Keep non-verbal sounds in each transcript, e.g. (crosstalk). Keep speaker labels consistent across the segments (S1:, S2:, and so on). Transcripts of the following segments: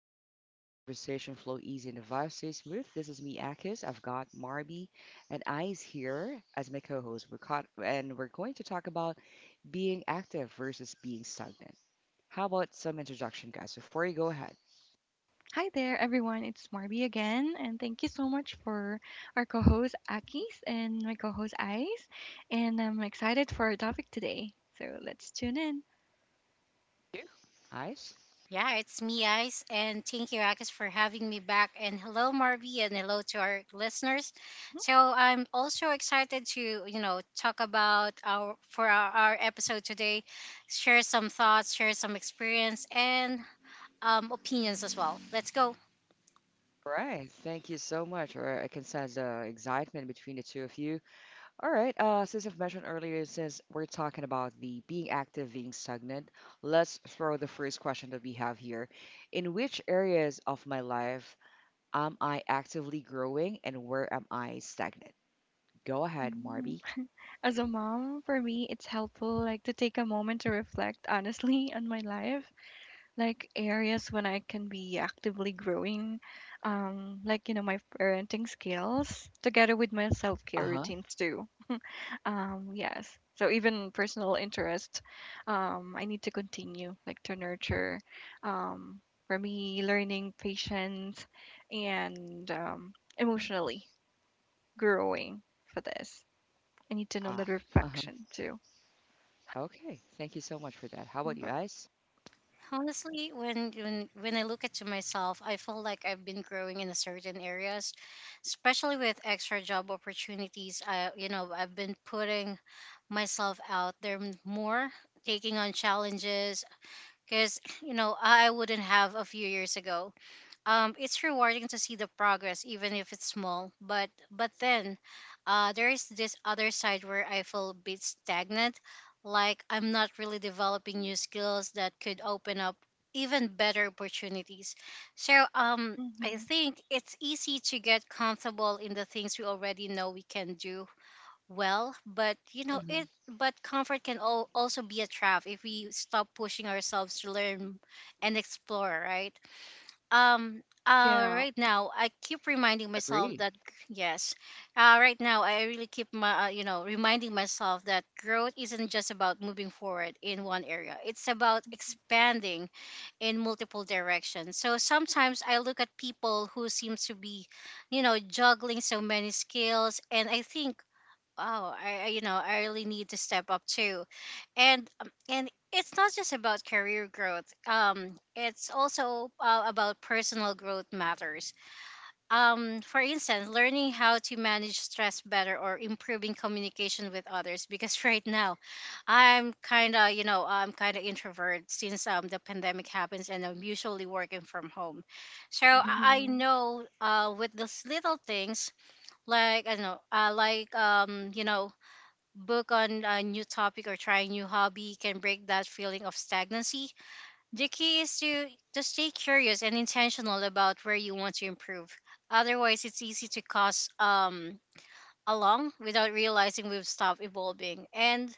S1: chill zone where conversation flow easy and the vibe stay smooth. This is me, Akis. I've got Marby and I's here as my co-host. We're caught, and we're going to talk about being active versus being stagnant. How about some introduction, guys? Before you go ahead,
S2: Hi there, everyone. It's Marby again, and thank you so much for our co host Akis and my co host Ice. And I'm excited for our topic today. So let's tune in.
S1: you? I's.
S3: Yeah, it's me, Ice, and thank you, Akis, for having me back. And hello, Marvy, and hello to our listeners. So I'm also excited to, you know, talk about our episode today, share some thoughts, share some experience, and opinions as well. Let's go.
S1: All right. Thank you so much. All right, I can sense the excitement between the two of you. All right, since I've mentioned earlier, since we're talking about the being active, being stagnant, let's throw the first question that we have here. In which areas of my life am I actively growing and where am I stagnant? Go ahead, Marby.
S2: Mhm. As a mom, for me, it's helpful like to take a moment to reflect honestly (laughs) on my life, like areas when I can be actively growing, like you know my parenting skills, together with my self care
S1: Uh-huh.
S2: routines too. Yes. So even personal interest, I need to continue like to nurture, um, for me, learning patience and emotionally growing for this. I need to know
S1: Uh,
S2: the
S1: uh-huh.
S2: reflection too.
S1: Okay. Thank you so much for that. How about you
S2: But
S1: guys?
S3: Honestly, when I look at to myself, I feel like I've been growing in a certain areas, especially with extra job opportunities. I, you know, I've been putting myself out there more, taking on challenges. Because, (clears throat) you know, I wouldn't have a few years ago. It's rewarding to see the progress, even if it's small. But then, there is this other side where I feel a bit stagnant, like I'm not really developing new skills that could open up even better opportunities. So I
S2: mm-hmm.
S3: think it's easy to get comfortable in the things we already know we can do well, but you know
S1: Mm-hmm.
S3: it, but comfort can also be a trap if we stop pushing ourselves to learn and explore, right? um
S2: Yeah.
S3: right now I keep reminding myself
S1: Agree.
S3: that yes, right now I really keep my you know, reminding myself that growth isn't just about moving forward in one area. It's about expanding in multiple directions. So sometimes I look at people who seem to be, you know, juggling so many skills, and I think wow, I you know, I really need to step up too. And and it's not just about career growth. It's also about personal growth matters. For instance, learning how to manage stress better, or improving communication with others, because (laughs) right now I'm kind of, you know, I'm kind of introvert since the pandemic happens, and I'm usually working from home. so
S1: Hmm.
S3: i, I
S2: Mm-hmm.
S3: know, with those little things like I don't know, like you know, book on a new topic or try a new hobby can break that feeling of stagnancy. The key is to just stay curious and intentional about where you want to improve. Otherwise, it's easy to cause along without realizing we've stopped evolving. And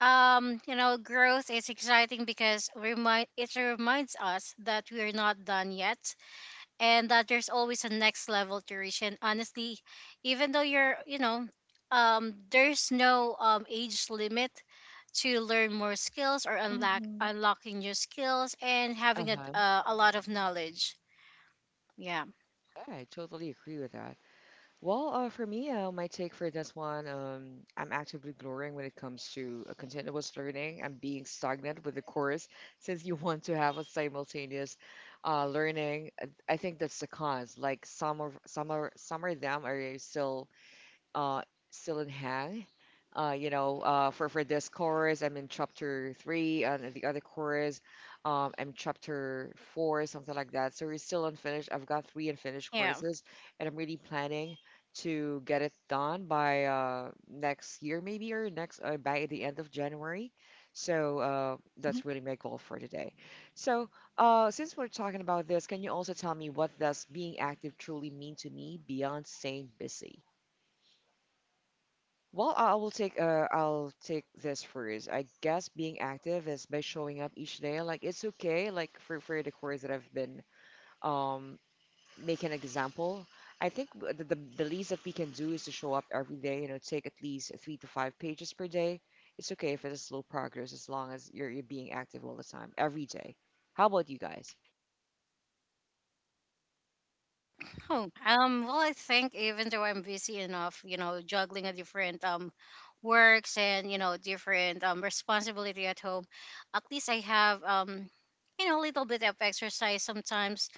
S3: you know, growth is exciting because reminds us that we are not done yet, and that there's always a next level to reach. And honestly, even though you're, you know, there's no age limit to learn more skills or
S2: Mm-hmm.
S3: unlocking new skills and having
S1: Uh-huh.
S3: a lot of knowledge. Yeah.
S1: Yeah, I totally agree with that. Well, for me, my take for this one, I'm actively growing when it comes to continuous learning. I'm being stagnant with the course since you (laughs) want to have a simultaneous learning. I think that's the cons. Like some of them are still uh, still in Hang. For this chorus, I'm in chapter three, and the other chorus, I'm chapter four, something like that. So we're still unfinished. I've got three unfinished
S3: Yeah.
S1: courses, and I'm really planning to get it done by next year, maybe, or next by the end of January. So
S2: Mm-hmm.
S1: that's really my goal for today. So since we're talking about this, can you also tell me what does being active truly mean to me beyond staying busy? Well, I will take I'll take this first. I guess being active is by showing up each day. Like it's okay. Like for the course that I've been um making an example. I think the least that we can do is to show up every day. You know, take at least three to five pages per day. It's okay if it's a slow progress as long as you're being active all the time, every day. How about you guys?
S3: Oh, well, I think even though I'm busy enough, you know, juggling a different works, and you know, different responsibility at home, at least I have you know, a little bit of exercise sometimes,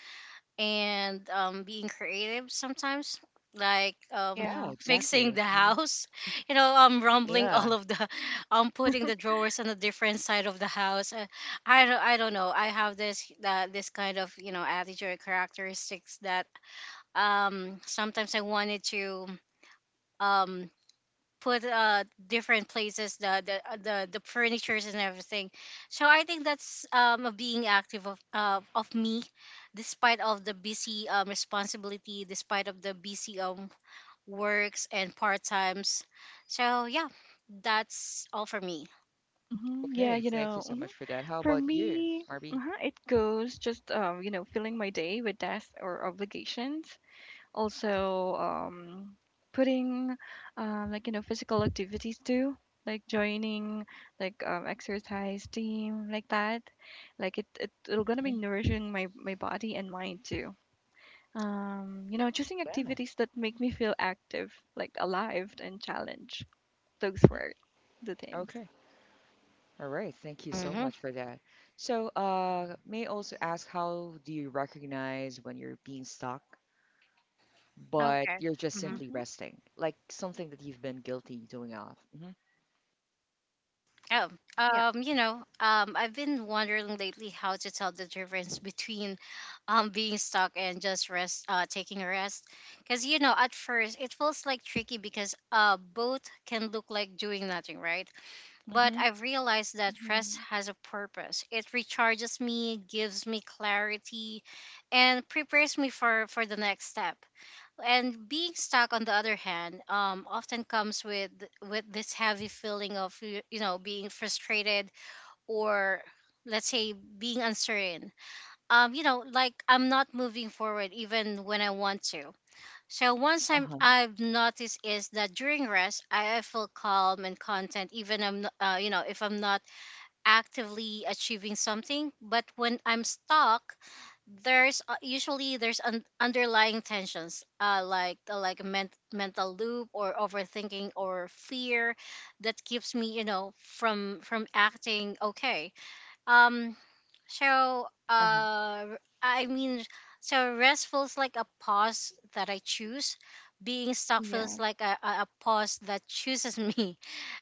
S3: and being creative sometimes, like
S1: Yeah,
S2: Yeah.
S3: (laughs)
S2: Mm-hmm.
S3: fixing
S1: exactly.
S3: the
S1: Mhm.
S3: house, (laughs) you know, rumbling (laughs) all
S1: Yeah.
S3: of the, (laughs) putting the drawers on a different side of the house. I don't know. I have this, that this kind of, you know, attitude or characteristics that sometimes I wanted to um put different places the furnitures and everything. So I think that's a being active of me, despite of the busy responsibility, despite of the busy works and part times. So yeah, that's all for me.
S2: Mm-hmm. Yeah.
S1: Okay.
S2: You
S1: Thank you
S2: know.
S1: so
S2: Mm-hmm.
S1: much for that. How
S2: For
S1: about you,
S2: me,
S1: Marby?
S2: it goes just filling my day with tasks or obligations, also putting like you know physical activities too, like joining like exercise team like that, like it it'll gonna be
S1: Mhm.
S2: nourishing my body and mind too, you know choosing
S1: Yeah.
S2: activities that make me feel active like alive and challenged. Those were the things.
S1: Okay. All right, thank you so
S3: Mm-hmm.
S1: much for that. So, may I also ask how do you recognize when you're being stuck, but
S3: Okay.
S1: you're just simply
S2: Mm-hmm.
S1: resting, like something that you've been guilty doing off? Hmm.
S3: Oh,
S2: Yeah.
S3: you know, I've been wondering lately how to tell the difference between being stuck and just rest, taking a rest. Because, you know, at first it feels like tricky because both can look like doing nothing, right? But
S1: Hmm.
S3: I've realized that rest
S2: Mm-hmm.
S3: has a purpose. It recharges me, gives me clarity, and prepares me for the next step. And being stuck, on the other hand, often comes with this heavy feeling of you know, being frustrated, or let's say, being uncertain. You know, like I'm not moving forward even when I want to. So one time
S1: Uh-huh.
S3: I've noticed is that during rest, I feel calm and content, even I'm not, you know, if I'm not actively achieving something. But when I'm stuck, there's usually there's underlying tensions, like a mental loop or overthinking or fear that keeps me, you know, from acting, okay? um so
S1: Uh-huh.
S3: uh I mean, so rest feels like a pause that I choose. Being stuck feels
S2: Yeah.
S3: like a pause that chooses (laughs) me.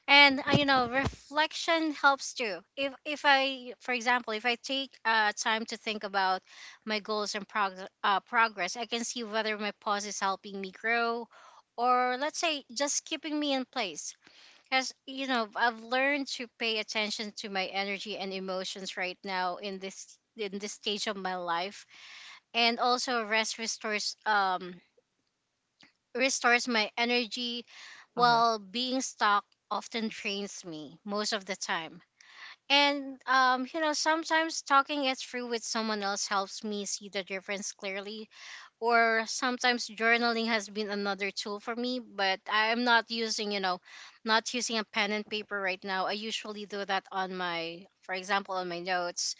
S3: And you know, reflection helps too. If I for example, if I take time to think about my goals and progress, I can see whether my pause is helping me grow, or let's say, just keeping me in place. Because, you know, I've learned to pay attention to my energy and emotions right now, in this, in this stage of my life. And also rest restores restores my energy,
S1: Uh-huh.
S3: while being stuck often drains me most of the time. And you know, sometimes talking it through with someone else helps me see the difference clearly. Or sometimes journaling has been another tool for me, but I'm not using, you know, not using a pen and paper right now. I usually do that on my, for example, on my notes,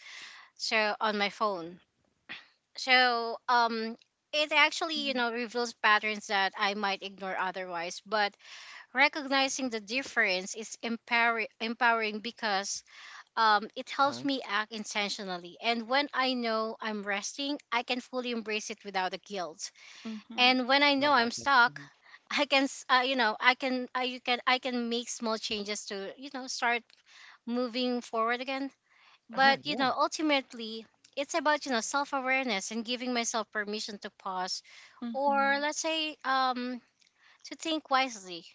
S3: so on my phone. So it actually, you
S2: Mm-hmm.
S3: know, reveals patterns that I might ignore otherwise. But recognizing the difference is empowering, because it helps
S1: Uh-huh.
S3: me act intentionally. And when I know I'm resting, I can fully embrace it without the guilt.
S2: Mm-hmm.
S3: And when I know
S1: Love that.
S3: I'm stuck,
S1: Mhm.
S3: (laughs) I can, you know, I can make small changes to, you know, start moving forward again.
S1: Uh-huh.
S3: But you
S1: Yeah.
S3: know, ultimately, it's about, you know, self-awareness and giving myself permission to pause, or
S2: Mm-hmm.
S3: let's say, to think wisely.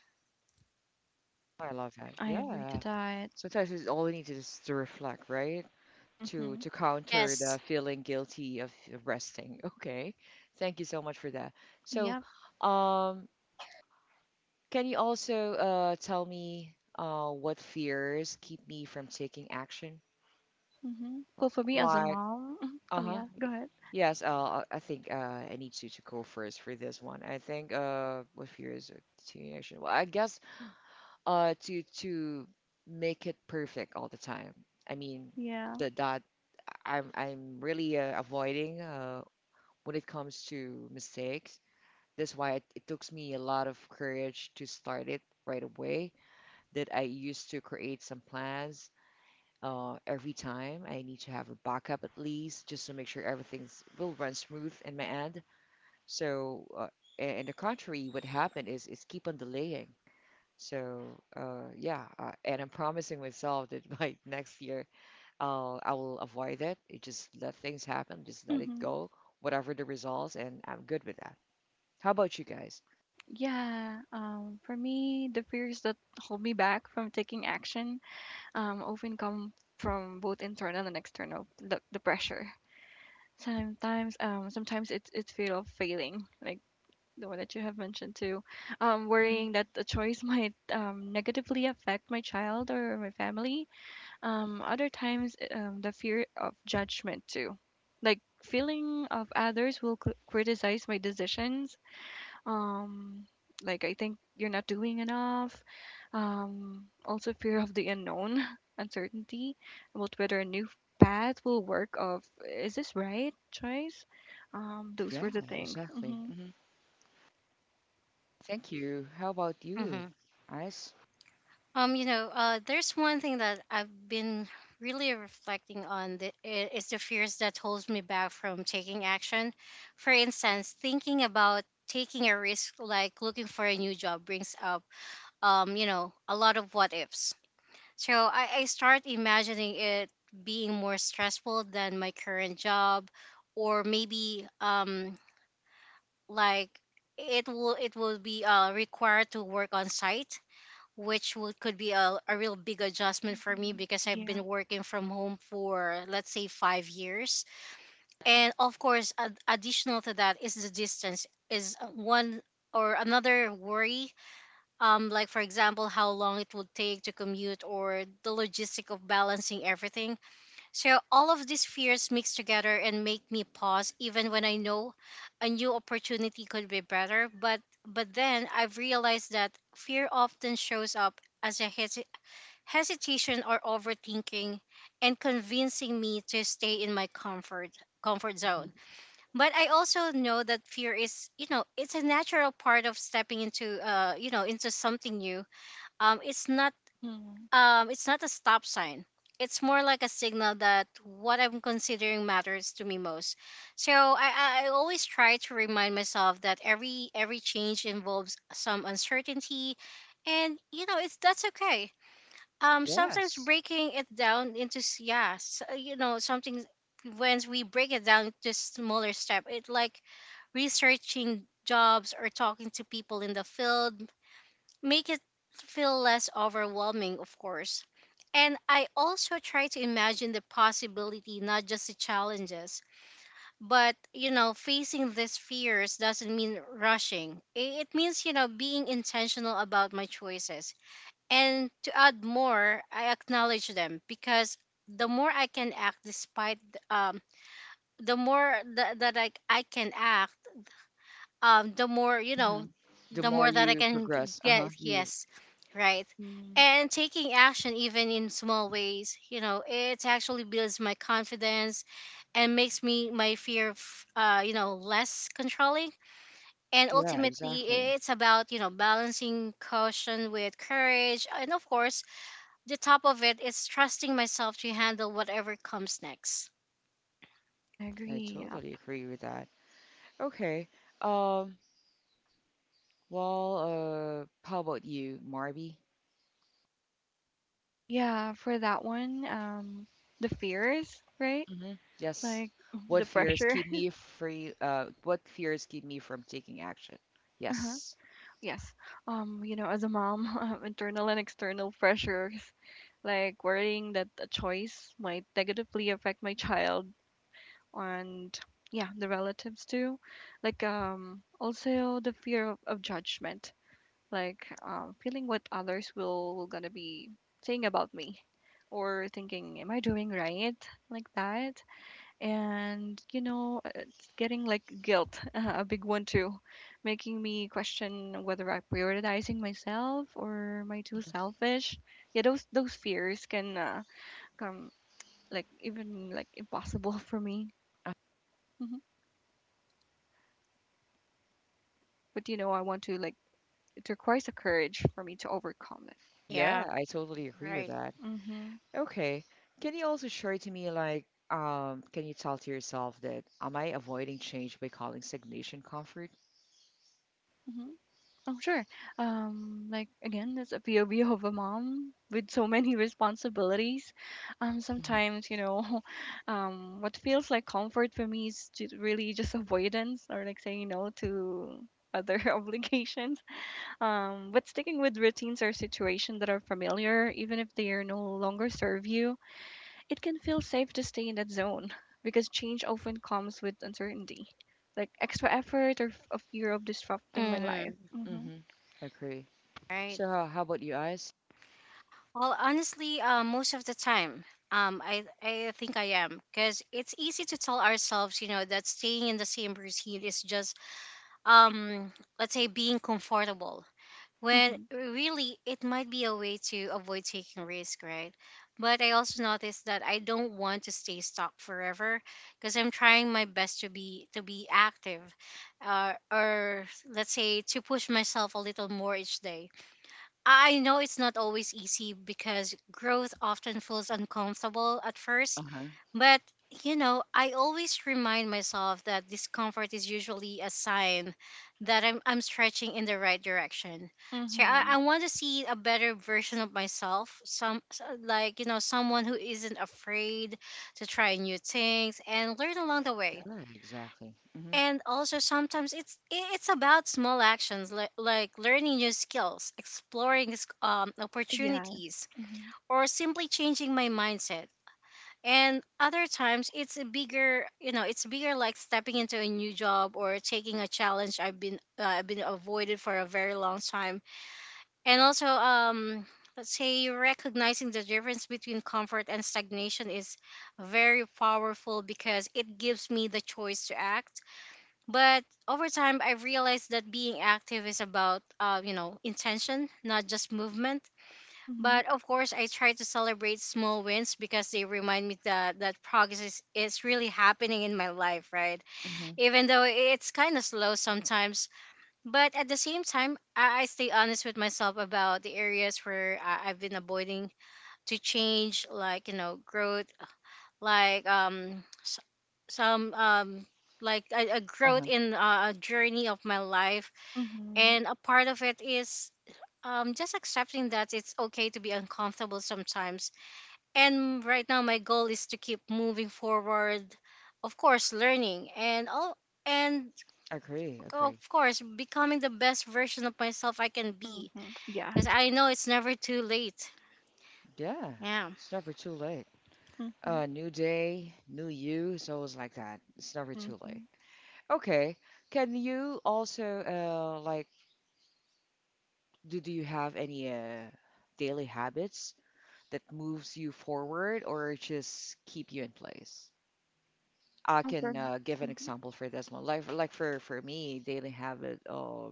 S1: I love that.
S2: I agree to
S1: Yeah.
S2: that.
S1: Sometimes it's all we need to just to reflect, right?
S2: Mm-hmm.
S1: To counter the
S3: Yes.
S1: feeling guilty of resting. (laughs) Okay. Thank you so much for that. So,
S2: Yeah.
S1: um, can you also tell me what fears keep me from taking action?
S2: Mhm. Well, for me as a
S1: Like,
S2: mom, (laughs) oh
S1: uh-huh.
S2: yeah, go ahead.
S1: Yes, I think I need you to go first for this one. I think what fears are taking action? Well, I guess to make it perfect all the time. I mean,
S2: Yeah.
S1: the that I'm really avoiding when it comes to mistakes. That's why it took me a lot of courage to start it right away that I use to create some plans every time. I need to have a backup at least just to make sure everything's will run smooth in my end. So, and the contrary, what happened is keep on delaying. So, and I'm promising myself that (laughs) by next year, I will avoid it. It just let things happen, just let it
S2: Mhm.
S1: go, whatever the results, and I'm good with that. How about you guys?
S2: Yeah. For me, the fears that hold me back from taking action often come from both internal and external the pressure. Sometimes it's fear of failing, like the one that you have mentioned too.
S1: Mhm.
S2: Worrying that the choice (laughs) might negatively affect my child or my family. Other times, the fear of judgment too, like feeling of others will criticize my decisions. Um, like I think you're not doing enough. Also fear of the unknown, (laughs) uncertainty about whether a new path will work. Of is this right choice? Those
S1: Yeah,
S2: were the things.
S1: exactly.
S2: Hmm.
S1: Hmm. Thank you. How about you,
S3: Mm-hmm.
S1: Ice?
S3: You know, there's one thing that I've been really reflecting on, that is the fears that holds me back from taking action. For instance, thinking about taking a risk, like looking for a new job, brings up, you know, a lot of what ifs. So I start imagining it being more stressful than my current job, or maybe like it will be required to work on site, which would, could be a real big adjustment for me
S2: Hmm.
S3: because I've
S2: Yeah.
S3: been working from home for, let's say, 5 years. And of course, additional to that is the distance is one or another worry. Like for example, how long it would take to commute or the logistic of balancing everything. So all of these fears mix together and make me pause, even when I know a new opportunity could be better. But then I've realized that fear often shows up as a hesitation or overthinking, and convincing me to stay in my comfort zone. But I also know that fear is, you know, it's a natural part of stepping into you know, into something new. um it's not
S2: Hmm.
S3: it's not a stop sign. It's more like a signal that what I'm considering matters to me most. So I always try to remind myself that every change involves some uncertainty, and you know, it's that's okay. Sometimes
S1: Yes.
S3: breaking it down into yeah, you know, something. When we break it down to smaller step, it like researching jobs or talking to people in the field, make it feel less overwhelming, of course. And I also try to imagine the possibility, not just the challenges. But you know, facing these fears doesn't mean rushing. It means, you know, being intentional about my choices. And to add more, I acknowledge them, because the more I can act despite th- um the more that I can act, the more, you
S1: Hmm.
S3: know,
S1: The
S3: the
S1: more
S3: more that I
S1: you
S3: can
S1: progress,
S3: get.
S1: uh-huh, you,
S3: Yes, right.
S2: Hmm.
S3: And taking action, even in small ways, you know, it actually builds my confidence, and makes me my fear of, you know, less controlling. And
S1: yeah,
S3: ultimately,
S1: exactly.
S3: it's about, you know, balancing caution with courage. And of course, the top of it is trusting myself to handle whatever comes next.
S2: I
S1: I
S2: agree. Yep.
S1: totally agree with that. Okay. Um, well, how about you, Marby?
S2: Yeah, for that one, the fears, right?
S1: Hmm. Yes.
S2: Like (laughs)
S1: What
S2: the
S1: fears
S2: pressure.
S1: keep
S2: (laughs)
S1: me free, what fears keep me from taking action?
S2: Uh-huh.
S1: Yes.
S2: Yes. You know, as a mom, (laughs) internal and external pressures, like worrying that a choice might negatively affect my child and yeah, the relatives too. Like also the fear of judgment, like feeling what others will gonna be saying about me or thinking, am I doing right? Like that. And you know it's getting like guilt (laughs) a big one too, making me question whether I'm prioritizing myself or am I too selfish. Yeah, those fears can come like even like impossible (laughs) for me. Hmm. But you know I want to like, it requires a courage for me to overcome
S3: Yeah,
S1: Yeah, I totally agree with
S3: right.
S1: that.
S2: it. Mm-hmm.
S1: Okay. Can you also share to me, like, can you tell to yourself that am I avoiding change by calling stagnation comfort?
S2: Oh, sure. Like again, that's a POV of a mom with so many (laughs) responsibilities. Sometimes, you know, (laughs) what feels like comfort for me is just really just avoidance or like saying no to other (laughs) obligations. But sticking with routines or situations that are familiar, even if they are no longer serve you, it can feel safe to stay in that zone (laughs) because change often comes with uncertainty, like extra effort or a fear of disrupting my life.
S3: Mm-hmm.
S2: Mm-hmm.
S1: Mm-hmm. Agree.
S3: Right.
S1: So how about you guys?
S3: Well, honestly, most of the time, I think I am, because it's easy to tell ourselves, you know, that staying in the same routine is just, um, let's say, being comfortable. When
S2: Mm-hmm.
S3: really it might be a way to avoid taking risk, right? But I also noticed that I don't want to stay stuck forever because I'm trying my best to be active, or let's say to push myself a little more each day. I know it's not always easy because growth often feels uncomfortable at first,
S1: Uh-huh.
S3: but, you know, I always remind myself that discomfort is usually a sign that I'm stretching in the right direction. So I,
S2: Mhm.
S3: I want to see a better version of myself, like, you know, someone who isn't afraid to try new things and learn along the way.
S1: Yeah, exactly. Mm-hmm.
S3: And also sometimes it's about small actions, like learning new skills, exploring
S2: Yeah.
S3: opportunities,
S2: Mhm.
S3: or simply changing my mindset. And other times it's a bigger, you know, it's bigger, like stepping into a new job or taking a challenge I've been avoided for a very long time. And also, let's say, recognizing the difference between comfort and stagnation is very powerful because it gives me the choice to act. But over time I realized that being active is about, you know, intention, not just movement.
S2: Mhm.
S3: But of course, I try to celebrate small wins because they remind me that progress is really happening in my life, right?
S1: Mm-hmm.
S3: Even though it's kind of slow sometimes, but at the same time, I stay honest with myself about the areas where I've been avoiding to change, like, you know, growth, like s- some like a growth
S1: Uh-huh.
S3: in a journey of my life,
S2: Mhm.
S3: and a part of it is just accepting that it's okay to be uncomfortable sometimes. And right now my goal is to keep moving forward, of course learning and all, and
S1: Agree,
S3: of
S1: agree.
S3: course becoming the best version of myself I can be,
S2: Mhm.
S3: because
S2: Yes.
S3: I know it's never too late.
S1: Yeah.
S3: Yeah,
S1: It's never too late.
S2: Mhm.
S1: New day, new you. It's always like that. It's never too late.
S2: Mhm.
S1: Okay. Can you also like do you have any daily habits that moves you forward or just keep you in place? I
S2: Oh, for
S1: can give an
S2: mhm.
S1: example for this one. Like for me, daily habit.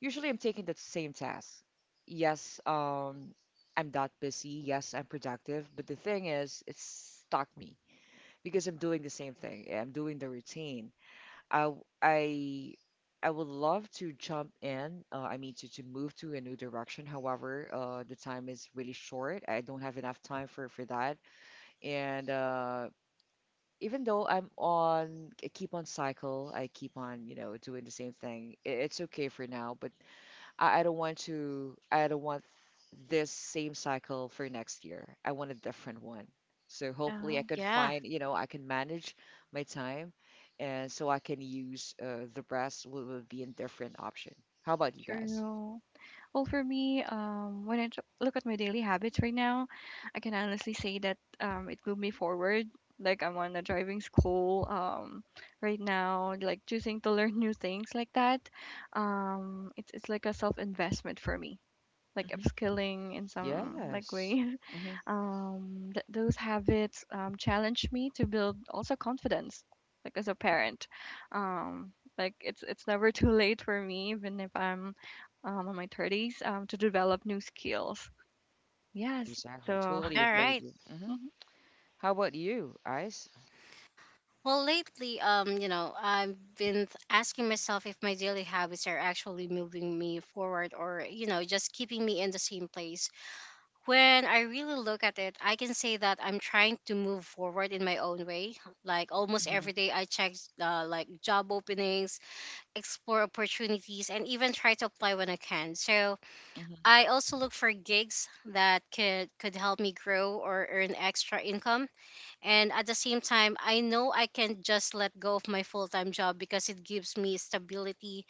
S1: Usually I'm taking the same task. Yes, I'm that busy. Yes, I'm productive. But the thing is, it's stuck me because I'm doing the same thing. I'm doing the routine. I w- I would love to jump in. I mean to move to a new direction. However, the time is really short. I don't have enough time for that. And even though I'm on, I keep on cycle. I keep on, you know, doing the same thing. It's okay for now, but I don't want to, I don't want this same cycle for next year. I want a different one. So hopefully
S2: Yeah,
S1: I could
S3: yeah.
S1: find, you know, I can manage my time and so I can use the rest will be in different option. How about you guys?
S2: true. Well, for me, when I look at my daily habits right now, I can honestly say that it moved me forward. Like I'm on a driving school right now, like choosing to learn (laughs) new things like that. It's like a self investment for me like
S1: Hmm.
S2: upskilling in some like way.
S1: Yes. Hmm.
S2: (laughs) Those habits challenge me to build also confidence, like as a parent. Um, like it's never too late for me, even if I'm in my 30s, to develop new skills. Yes.
S1: Exactly.
S2: So
S1: Totally
S3: All
S2: (laughs)
S1: agree
S2: that.
S1: with
S3: right.
S1: you. Hmm.
S2: Mhm.
S1: How about you, Ice?
S3: Well, lately, you know, I've been asking myself if my daily habits are actually moving me forward or, you know, just keeping me in the same place. When I really look at it, I can say that I'm trying to move forward in my own way. Like almost
S1: Hmm.
S3: every day, I check like job openings, explore opportunities, and even try to apply when I can. So
S1: Hmm.
S3: I also look for gigs that could help me grow or earn extra income. And at the same time, I know I can just let go of my full time job because it gives me stability,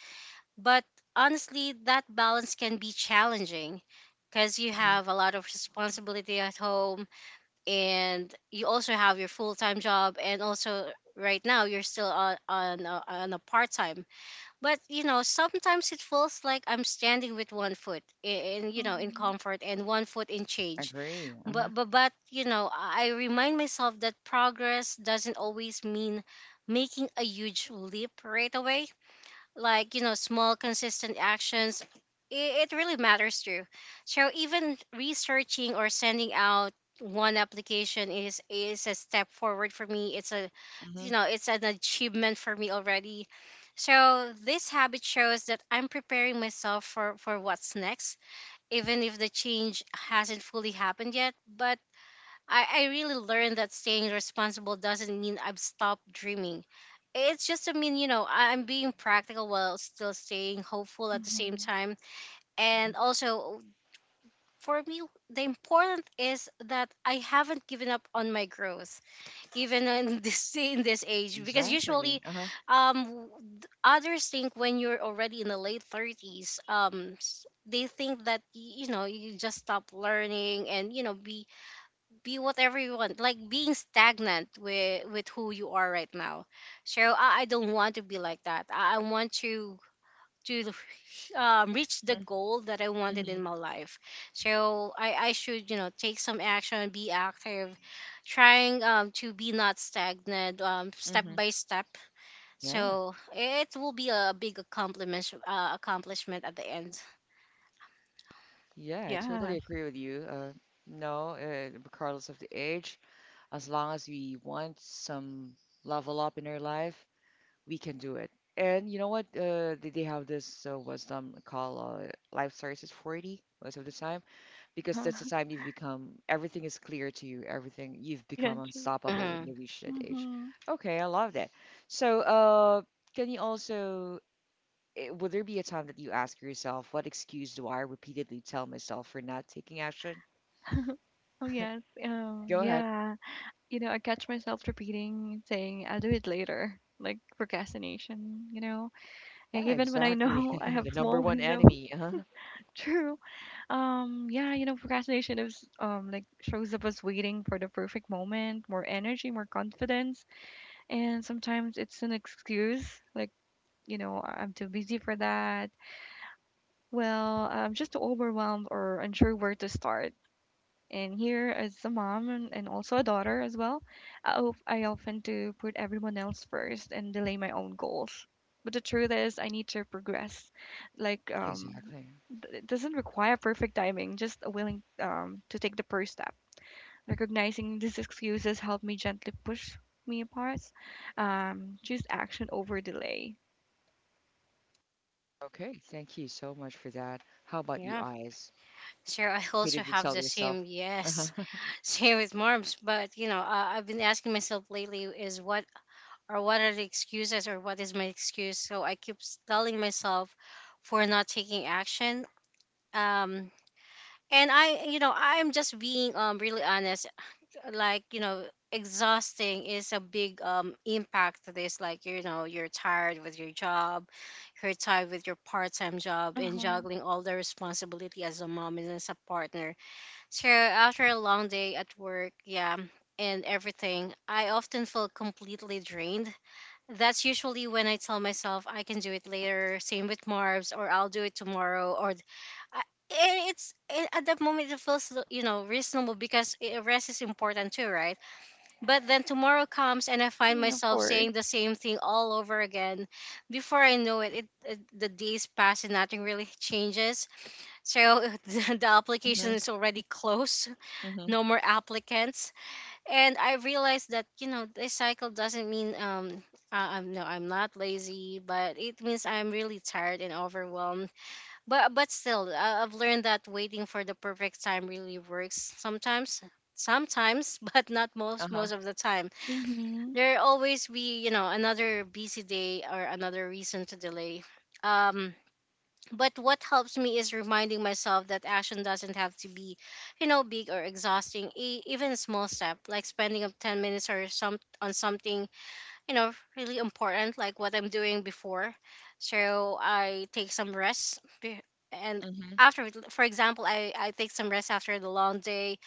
S3: but honestly, that balance can be challenging because you
S1: Hmm.
S3: have a lot of responsibility at home and you also have your full time job, and also right now you're still on on a part time. But you know, sometimes it feels like I'm standing with one foot in, you know, in
S2: Mhm.
S3: comfort and one foot in change.
S1: Agree. Uh-huh.
S3: But but you know, I remind myself that progress doesn't always mean making a huge leap right away. Like you know, small consistent actions, it really matters too. So even researching or sending out one application is a step forward for me. It's a,
S1: Hmm.
S3: you know, it's an achievement for me already. So this habit shows that I'm preparing myself for what's next, even if the change hasn't fully happened yet. But I really learned that staying responsible doesn't mean I've stopped dreaming. It's just, I mean, you know, I'm being practical while still staying hopeful at the same
S2: Mhm.
S3: time. And also, for me, the important is that I haven't given up on my growth, even in (laughs) this in this age. Because
S1: Exactly.
S3: usually,
S1: Uh-huh.
S3: um, others think when you're already in the late 30s, they think that you know, you just stop learning and you know be whatever you want, like being stagnant with who you are right now. I don't want to be like that. I want to (laughs) reach the
S1: Hmm.
S3: goal that I wanted
S1: Hmm.
S3: in my life. So I should, you know, take some action, be active, trying to be not stagnant, step
S1: Hmm.
S3: by step.
S1: Yeah.
S3: So it will be a big accomplishment, accomplishment at the end.
S1: Yeah, I totally
S2: Yes.
S1: agree with you. No, regardless of the age, as long as we want some level up in our life, we can do it. And you know what? They have this wisdom called life starts at 40 most of the time because
S2: Uh-huh.
S1: that's the time
S2: (laughs)
S1: you've become, everything is clear to you, everything, you've
S2: Yeah,
S1: become
S2: true.
S1: unstoppable when
S3: Hmm.
S1: you reach that age.
S2: Mm-hmm.
S1: Okay, I love that. So, can you also will there be a time that you ask yourself, what excuse do I repeatedly tell myself for not taking action?
S2: Oh, yes.
S1: Go ahead.
S2: Yeah. You know, I catch myself repeating, saying, I'll do it later. Like procrastination, you know? Like
S1: Yeah,
S2: even when I
S1: exactly.
S2: know (laughs)
S1: (laughs)
S2: I
S1: The
S2: have
S1: number
S2: small
S1: one
S2: window.
S1: enemy. Huh?
S2: (laughs) True. Yeah, you know, procrastination is like shows up as waiting for the perfect moment, more energy, more confidence. And sometimes it's an excuse, like, you know, I'm too busy for that. Well, I'm just overwhelmed or unsure where to start. And here, as a mom and also a daughter as well, I often do put everyone else first and delay my own goals. But the truth is, I need to progress. Like,
S1: Exactly.
S2: it doesn't require perfect timing, just a willing to take the first step. Recognizing these excuses help me gently push me apart. Choose action over delay.
S1: Okay, thank you so much for that. How about you,
S3: Yeah.
S1: eyes?
S3: So I also
S1: Repeatedly
S3: have
S1: tell
S3: the
S1: yourself.
S3: same, yes.
S1: Uh-huh.
S3: Same with moms, but you know, I've been asking myself lately is what, or what are the excuses, or what is my excuse? So I keep telling myself for not taking action. Um, and I, you know, I'm just being really honest. Like you know, exhausting is a big impact to this. Like you know, you're tired with your job, you're tired with your part time job,
S2: Uh
S3: and
S2: huh.
S3: juggling all the responsibility as a mom and as a partner. So after a long day at work, yeah, and everything, I often feel completely drained. That's usually when I tell myself I can do it later. Same with Marbs, or I'll do it tomorrow, or I, and at that moment it feels, you know, reasonable because rest is important too, right? But then tomorrow comes and I find
S2: Mm, of
S3: myself
S2: course.
S3: saying the same thing all over again. Before I know it, the days pass and nothing really changes. So (laughs) the application
S1: Hmm.
S3: is already closed,
S1: Hmm.
S3: no more applicants. And I realized that, you know, this cycle doesn't mean I, I'm no I'm not lazy, but it means I'm really tired and overwhelmed. But still I've learned that waiting for the perfect time really works sometimes, sometimes, (laughs) but not
S1: Uh-huh.
S3: most of the time.
S2: Mhm.
S3: There always be, you know, another busy day or another reason to delay. um but what helps me is reminding myself that action doesn't have to be, you know, big or exhausting. Even a small step, like spending up 10 minutes or some on something, you know, really important like what I'm doing before. So I take some rest and
S1: Hmm.
S3: after, for example, I take some rest after the long day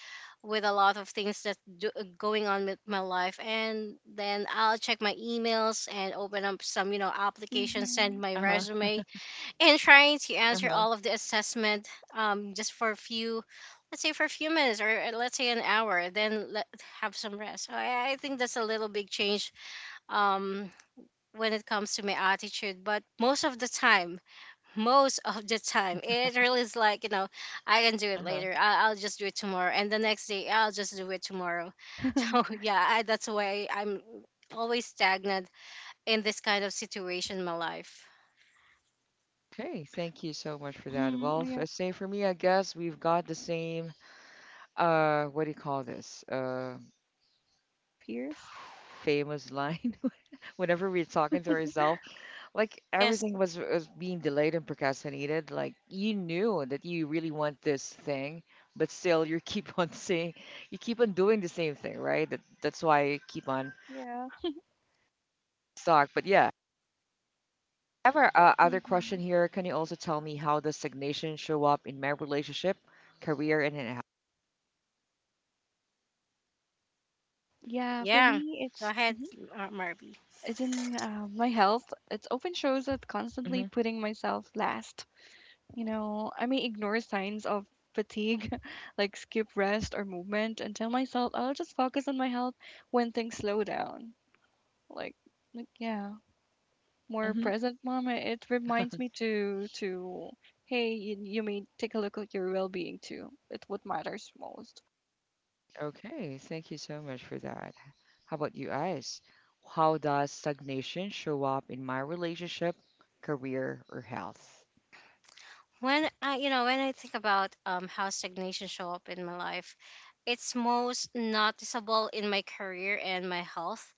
S3: with a lot of things that do, going on with my life, and then I'll check my emails and open up some, you know, applications, send
S2: Mhm.
S3: my
S1: Uh-huh.
S3: resume, and trying to answer
S1: Uh-huh.
S3: all of the assessment, just for a few, let's say for a few minutes, or let's say an hour, then let have some rest. So I think that's a little big change um, when it comes to my attitude. But most of the time, (laughs) most of the time it really is like, you know, I can do it
S1: Uh-huh.
S3: later, I'll just do it tomorrow, and the next day I'll just do it tomorrow. (laughs) So
S2: Mhm.
S3: yeah, that's why I'm always stagnant in this kind of situation in my life.
S1: Okay, thank you so much for that. Well,
S2: (laughs) Yeah.
S1: say for me, I guess we've got the same, what do you call this?
S2: Fierce.
S1: (sighs) Famous line. (laughs) Whenever we're talking to ourselves, like
S3: Yes.
S1: was being delayed and procrastinated. Like you knew that you really want this thing, but still you keep (laughs) on saying, you keep on doing the same thing, right? That that's why you keep on
S2: Yeah.
S1: stuck. But yeah, I have a other question
S2: Mhm.
S1: here. Can you also tell me how does stagnation show up in my relationship, career, and in health?
S2: Yeah, for
S3: Yeah,
S2: me,
S3: go
S2: it's
S3: ahead,
S2: mhm,
S3: Marby.
S2: it's in my health. It often shows that constantly
S1: Hmm.
S2: putting myself last. You know, I may ignore signs of fatigue, (laughs) like skip rest or movement, and tell myself I'll just focus on my health when things slow down. Like, like yeah, more
S1: Hmm.
S2: present, mom. It reminds me to hey, you may take a look at your well-being too. It's what matters most.
S1: Okay, thank you so much for that. How about you guys? How does stagnation show up in my relationship, career, or health?
S3: When I, you know, when I think about how stagnation show up in my life, it's most noticeable in my career and my health.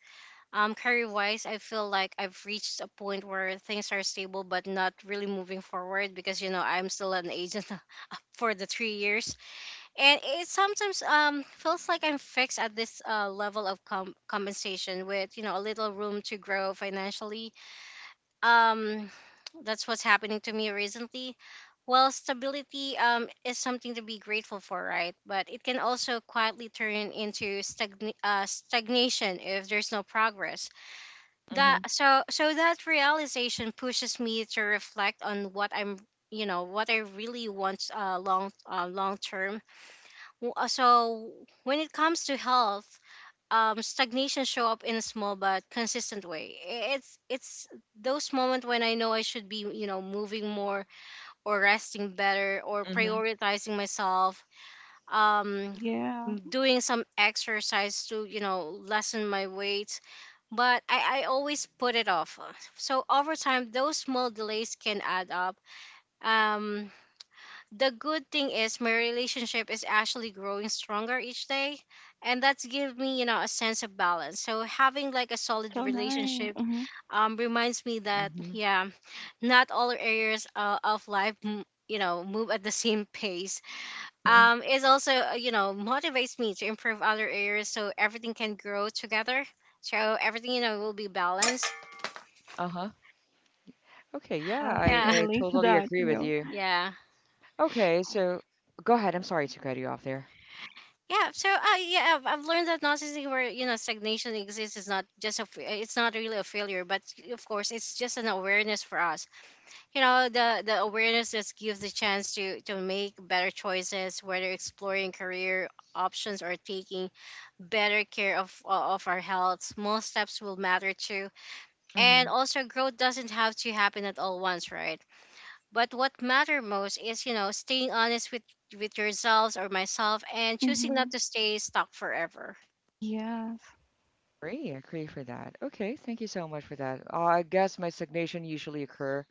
S3: Career wise, I feel like I've reached a point where things are stable but not really moving forward, because you know, I'm still an agent (laughs) for the 3 years. And it sometimes feels like I'm fixed at this level of compensation with, you know, a little room to grow financially. um that's what's happening to me recently. Well, stability is something to be grateful for, right? But it can also quietly turn into stagnation if there's no progress.
S1: Hmm.
S3: That so So that realization pushes me to reflect on what I'm, you know, what I really want, long term. So when it comes to health, stagnation show up in a small but consistent way. It's those moments when I know I should be, you know, moving more or resting better or prioritizing myself, um,
S2: Yeah,
S3: doing some exercise to, you know, lessen my weight. But I always put it off. So over time, those small delays can add up. Um, the good thing is my relationship is actually growing stronger each day, and that's give me, you know, a sense of balance. So having like a solid
S2: so nice.
S3: relationship
S2: Hmm.
S3: reminds me that,
S1: Mhm,
S3: yeah, not all areas of life you know, move at the same pace.
S1: mhm.
S3: It also, you know, motivates me to improve other areas so everything can grow together. So everything, you know, will be balanced.
S1: Uh-huh. Okay, yeah,
S2: Yeah, I
S3: Yeah,
S2: can
S1: I
S2: relate to
S1: totally
S2: that,
S1: agree
S2: you
S1: with
S2: know.
S1: you.
S3: yeah.
S1: Okay, so go ahead. I'm sorry to cut you off there.
S3: Yeah, so yeah, I've learned that narcissism, where, you know, stagnation exists, is not just a, it's not really a failure, but of course, it's just an awareness for us. You know, the awareness just gives the chance to make better choices, whether exploring career options or taking better care of our health. Small steps will matter too,
S1: Mm-hmm.
S3: and also growth doesn't have to happen at all once, right? But what matter most is, you know, staying honest with yourselves or myself and choosing not
S2: Hmm.
S3: to stay stuck forever.
S2: Yes.
S1: Agree, agree for that. Okay, thank you so much for that. I guess my stagnation usually occur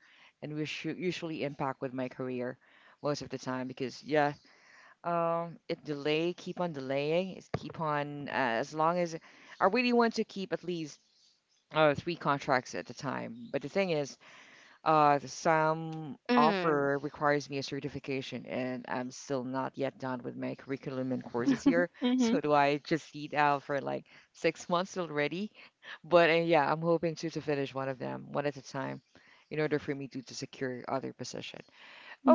S1: and which usually impact with my career most of the time because yeah, it delay, keep on delaying, it's keep on as long as I really want to keep at least three contracts at the time. But the thing is, some
S3: Mm.
S1: offer requires me a certification, and I'm still not yet done with my curriculum and courses here. (laughs)
S2: Mhm.
S1: So do I just eat out for like 6 months already? But yeah, I'm hoping to finish one of them one at a time in order for me to secure other position.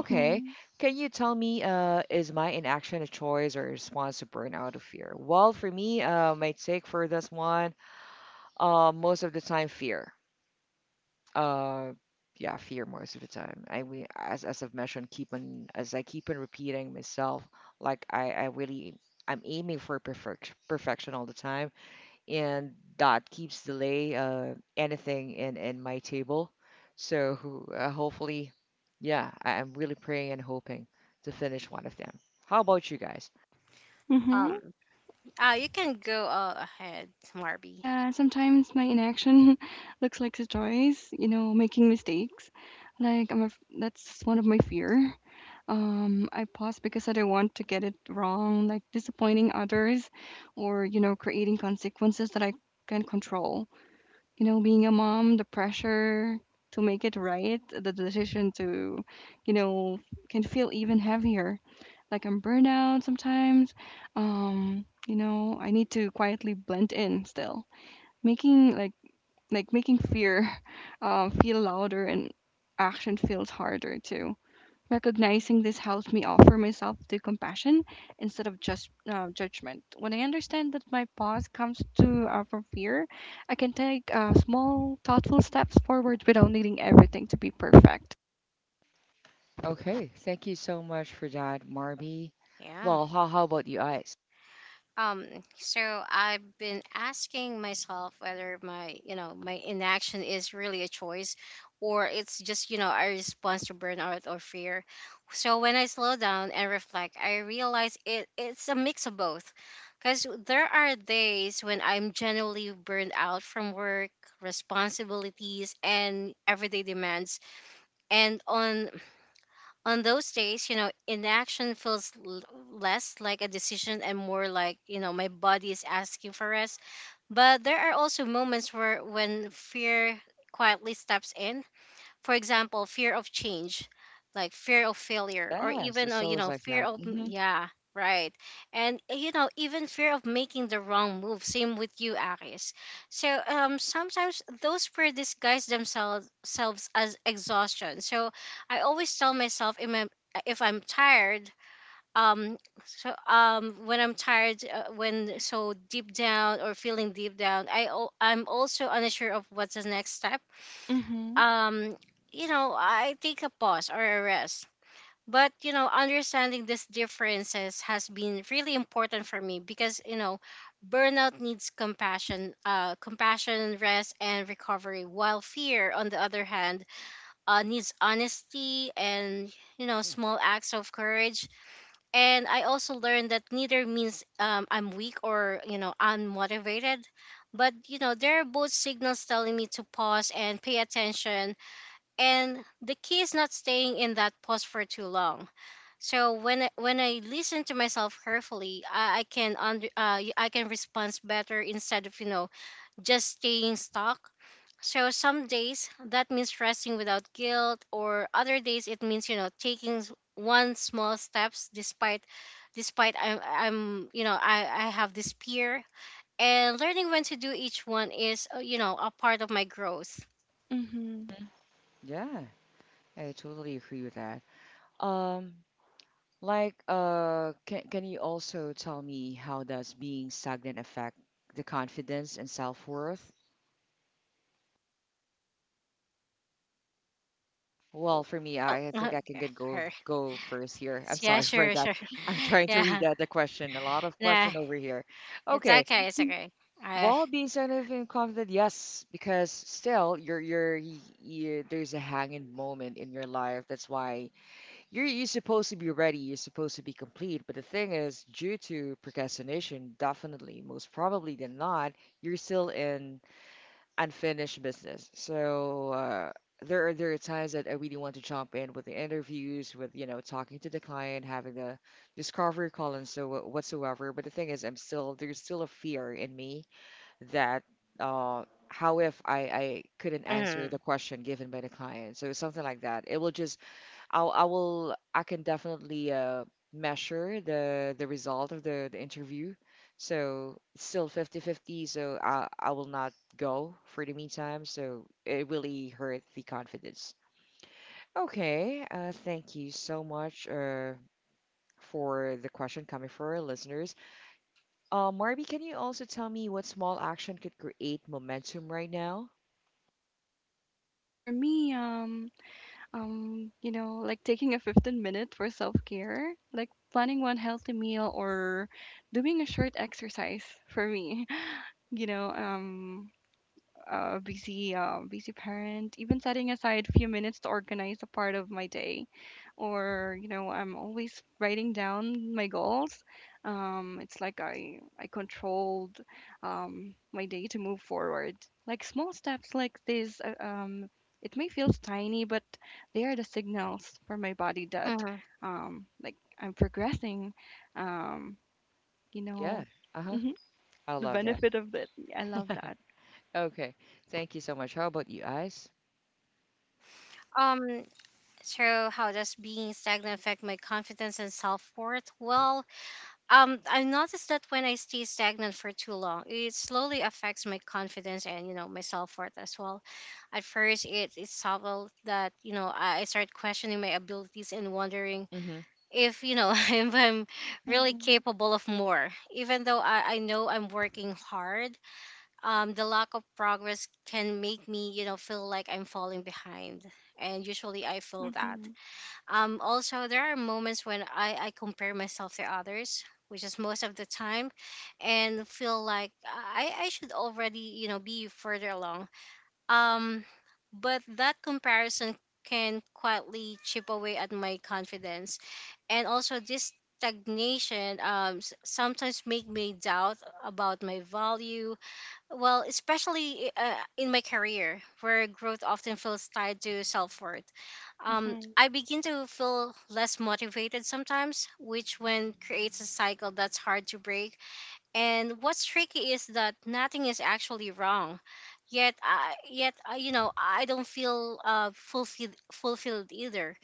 S1: Okay, can you tell me, is my inaction a choice or a response to burnout of fear? Well, for me, my take for this one, most of the time fear. Uh, yeah, fear most of the time. I we As I've mentioned, keep on as I keep on repeating myself, like I really I'm aiming for perfect perfection all the time, and that keeps delay anything in my table. So hopefully, yeah, I'm really praying and hoping to finish one of them. How about you guys?
S2: Mhm.
S3: Um. You can go ahead, Marby.
S2: Yeah, sometimes my inaction (laughs) looks like a choice, you know, making mistakes. Like that's one of my fear. I pause because I don't want to get it wrong, like disappointing others or, you know, creating consequences that I can control. You know, being a mom, the pressure to make it right, the decision to, you know, can feel even heavier. Like I'm burnout sometimes. You know, I need to quietly blend in still. Making like making fear (laughs) feel louder and action feels harder too. Recognizing this helps me offer myself to compassion instead of just judgment. When I understand that my pause comes to from fear, I can take small, thoughtful steps forward without needing everything to be perfect.
S1: Okay, thank you so much for that, Marby.
S3: Yeah.
S1: Well, how about you guys?
S3: Um, so I've been asking myself whether my inaction is really a choice or it's just, you know, a response to burnout or fear. So when I slow down and reflect, I realize it's a mix of both. Because there are days when I'm generally burned out from work, responsibilities, and everyday demands. And on those days, you know, inaction feels less like a decision and more like, you know, my body is asking for rest. But there are also moments where when fear quietly steps in, for example fear of change, like fear of failure, or
S1: Yes,
S3: even
S1: it's
S3: you
S1: always
S3: know,
S1: like that. Hmm.
S3: yeah. Right. And you know, even fear of making the wrong move, same with you, Aris. So sometimes those fear disguise themselves selves as exhaustion. So I always tell myself if I'm tired, um so when I'm tired, when so deep down or feeling deep down, I'm also unsure of what's the next step.
S2: Mhm.
S3: um you know, I take a pause or a rest. But you know, understanding these differences has been really important for me, because you know, burnout needs compassion, compassion, rest and recovery, while fear, on the other hand, needs honesty and, you know, small acts of courage. And I also learned that neither means I'm weak or, you know, unmotivated, but you know, they are both signals telling me to pause and pay attention. And the key is not staying in that pose for too long. So when I listen to myself carefully, I can I can respond better instead of, you know, just staying stuck. So some days that means resting without guilt, or other days it means, you know, taking one small steps, despite I'm, you know, I have this fear. And learning when to do each one is, you know, a part of my growth.
S2: Mhm.
S1: Yeah. I totally agree with that. Um, like, can you also tell me how does being stagnant affect the confidence and self-worth? Well, for me,
S3: Oh,
S1: I
S3: (laughs)
S1: think I can get go
S3: okay.
S1: first here. I'm
S3: (laughs) Yeah,
S1: sorry for
S3: sure,
S1: that.
S3: sure.
S1: (laughs) I'm
S3: (laughs)
S1: trying to read
S3: Yeah.
S1: that the question. A lot of
S3: Nah,
S1: question over here.
S3: it's
S1: Okay.
S2: Yeah.
S3: okay, it's okay. I
S1: Well, being stagnant and confident, yes, because still you're there's a hanging moment in your life. That's why you're supposed to be ready, you're supposed to be complete, but the thing is, due to procrastination, definitely, most probably than not, you're still in unfinished business. So there are times that I really want to jump in with the interviews, with talking to the client, having the discovery call and so whatsoever. But the thing is, I'm still there's still a fear in me that how if I couldn't answer
S3: mm,
S1: the question given by the client, so something like that. It will just I'll I will I can definitely measure the result of the interview. So it's still fifty fifty. So I will not go for the meantime. So it really hurt the confidence. Okay, thank you so much for the question coming from our listeners. Marby, can you also tell me what small action could create momentum right now?
S2: For me, you know, like taking a 15 minute for self-care, like planning one healthy meal or doing a short exercise for me. (laughs) You know, busy parent, even setting aside a few minutes to organize a part of my day or you know I'm always writing down my goals. Um, it's like I controlled my day to move forward like small steps like this. It may feel tiny, but they are the signals for my body that
S3: mhm.
S2: like I'm progressing. um, you
S1: Yeah,
S2: know. (laughs)
S1: uh-huh.
S2: Hmm.
S1: I
S2: The
S1: love that.
S2: benefit of that, I love that.
S1: Okay. Thank you so much. How about you guys?
S3: Um, so how does being stagnant affect my confidence and self-worth? Well, I've noticed that when I stay stagnant for too long, it slowly affects my confidence and, you know, my self-worth as well. At first, it's subtle that, you know, I start questioning my abilities and wondering
S1: Mm-hmm.
S3: if, you know, (laughs) if I'm really
S2: Hmm.
S3: capable of more, even though I know I'm working hard. The lack of progress can make me, you know, feel like I'm falling behind. And usually I feel that.
S2: Hmm.
S3: Also, there are moments when I compare myself to others, which is most of the time, and feel like I should already, you know, be further along. Um, but that comparison can quietly chip away at my confidence. And also, this stagnation sometimes make me doubt about my value, well, especially in my career, where growth often feels tied to self worth.
S2: Mhm.
S3: I begin to feel less motivated sometimes, which when creates a cycle that's hard to break. And what's tricky is that nothing is actually wrong, yet, yet you know, I don't feel fulfilled either.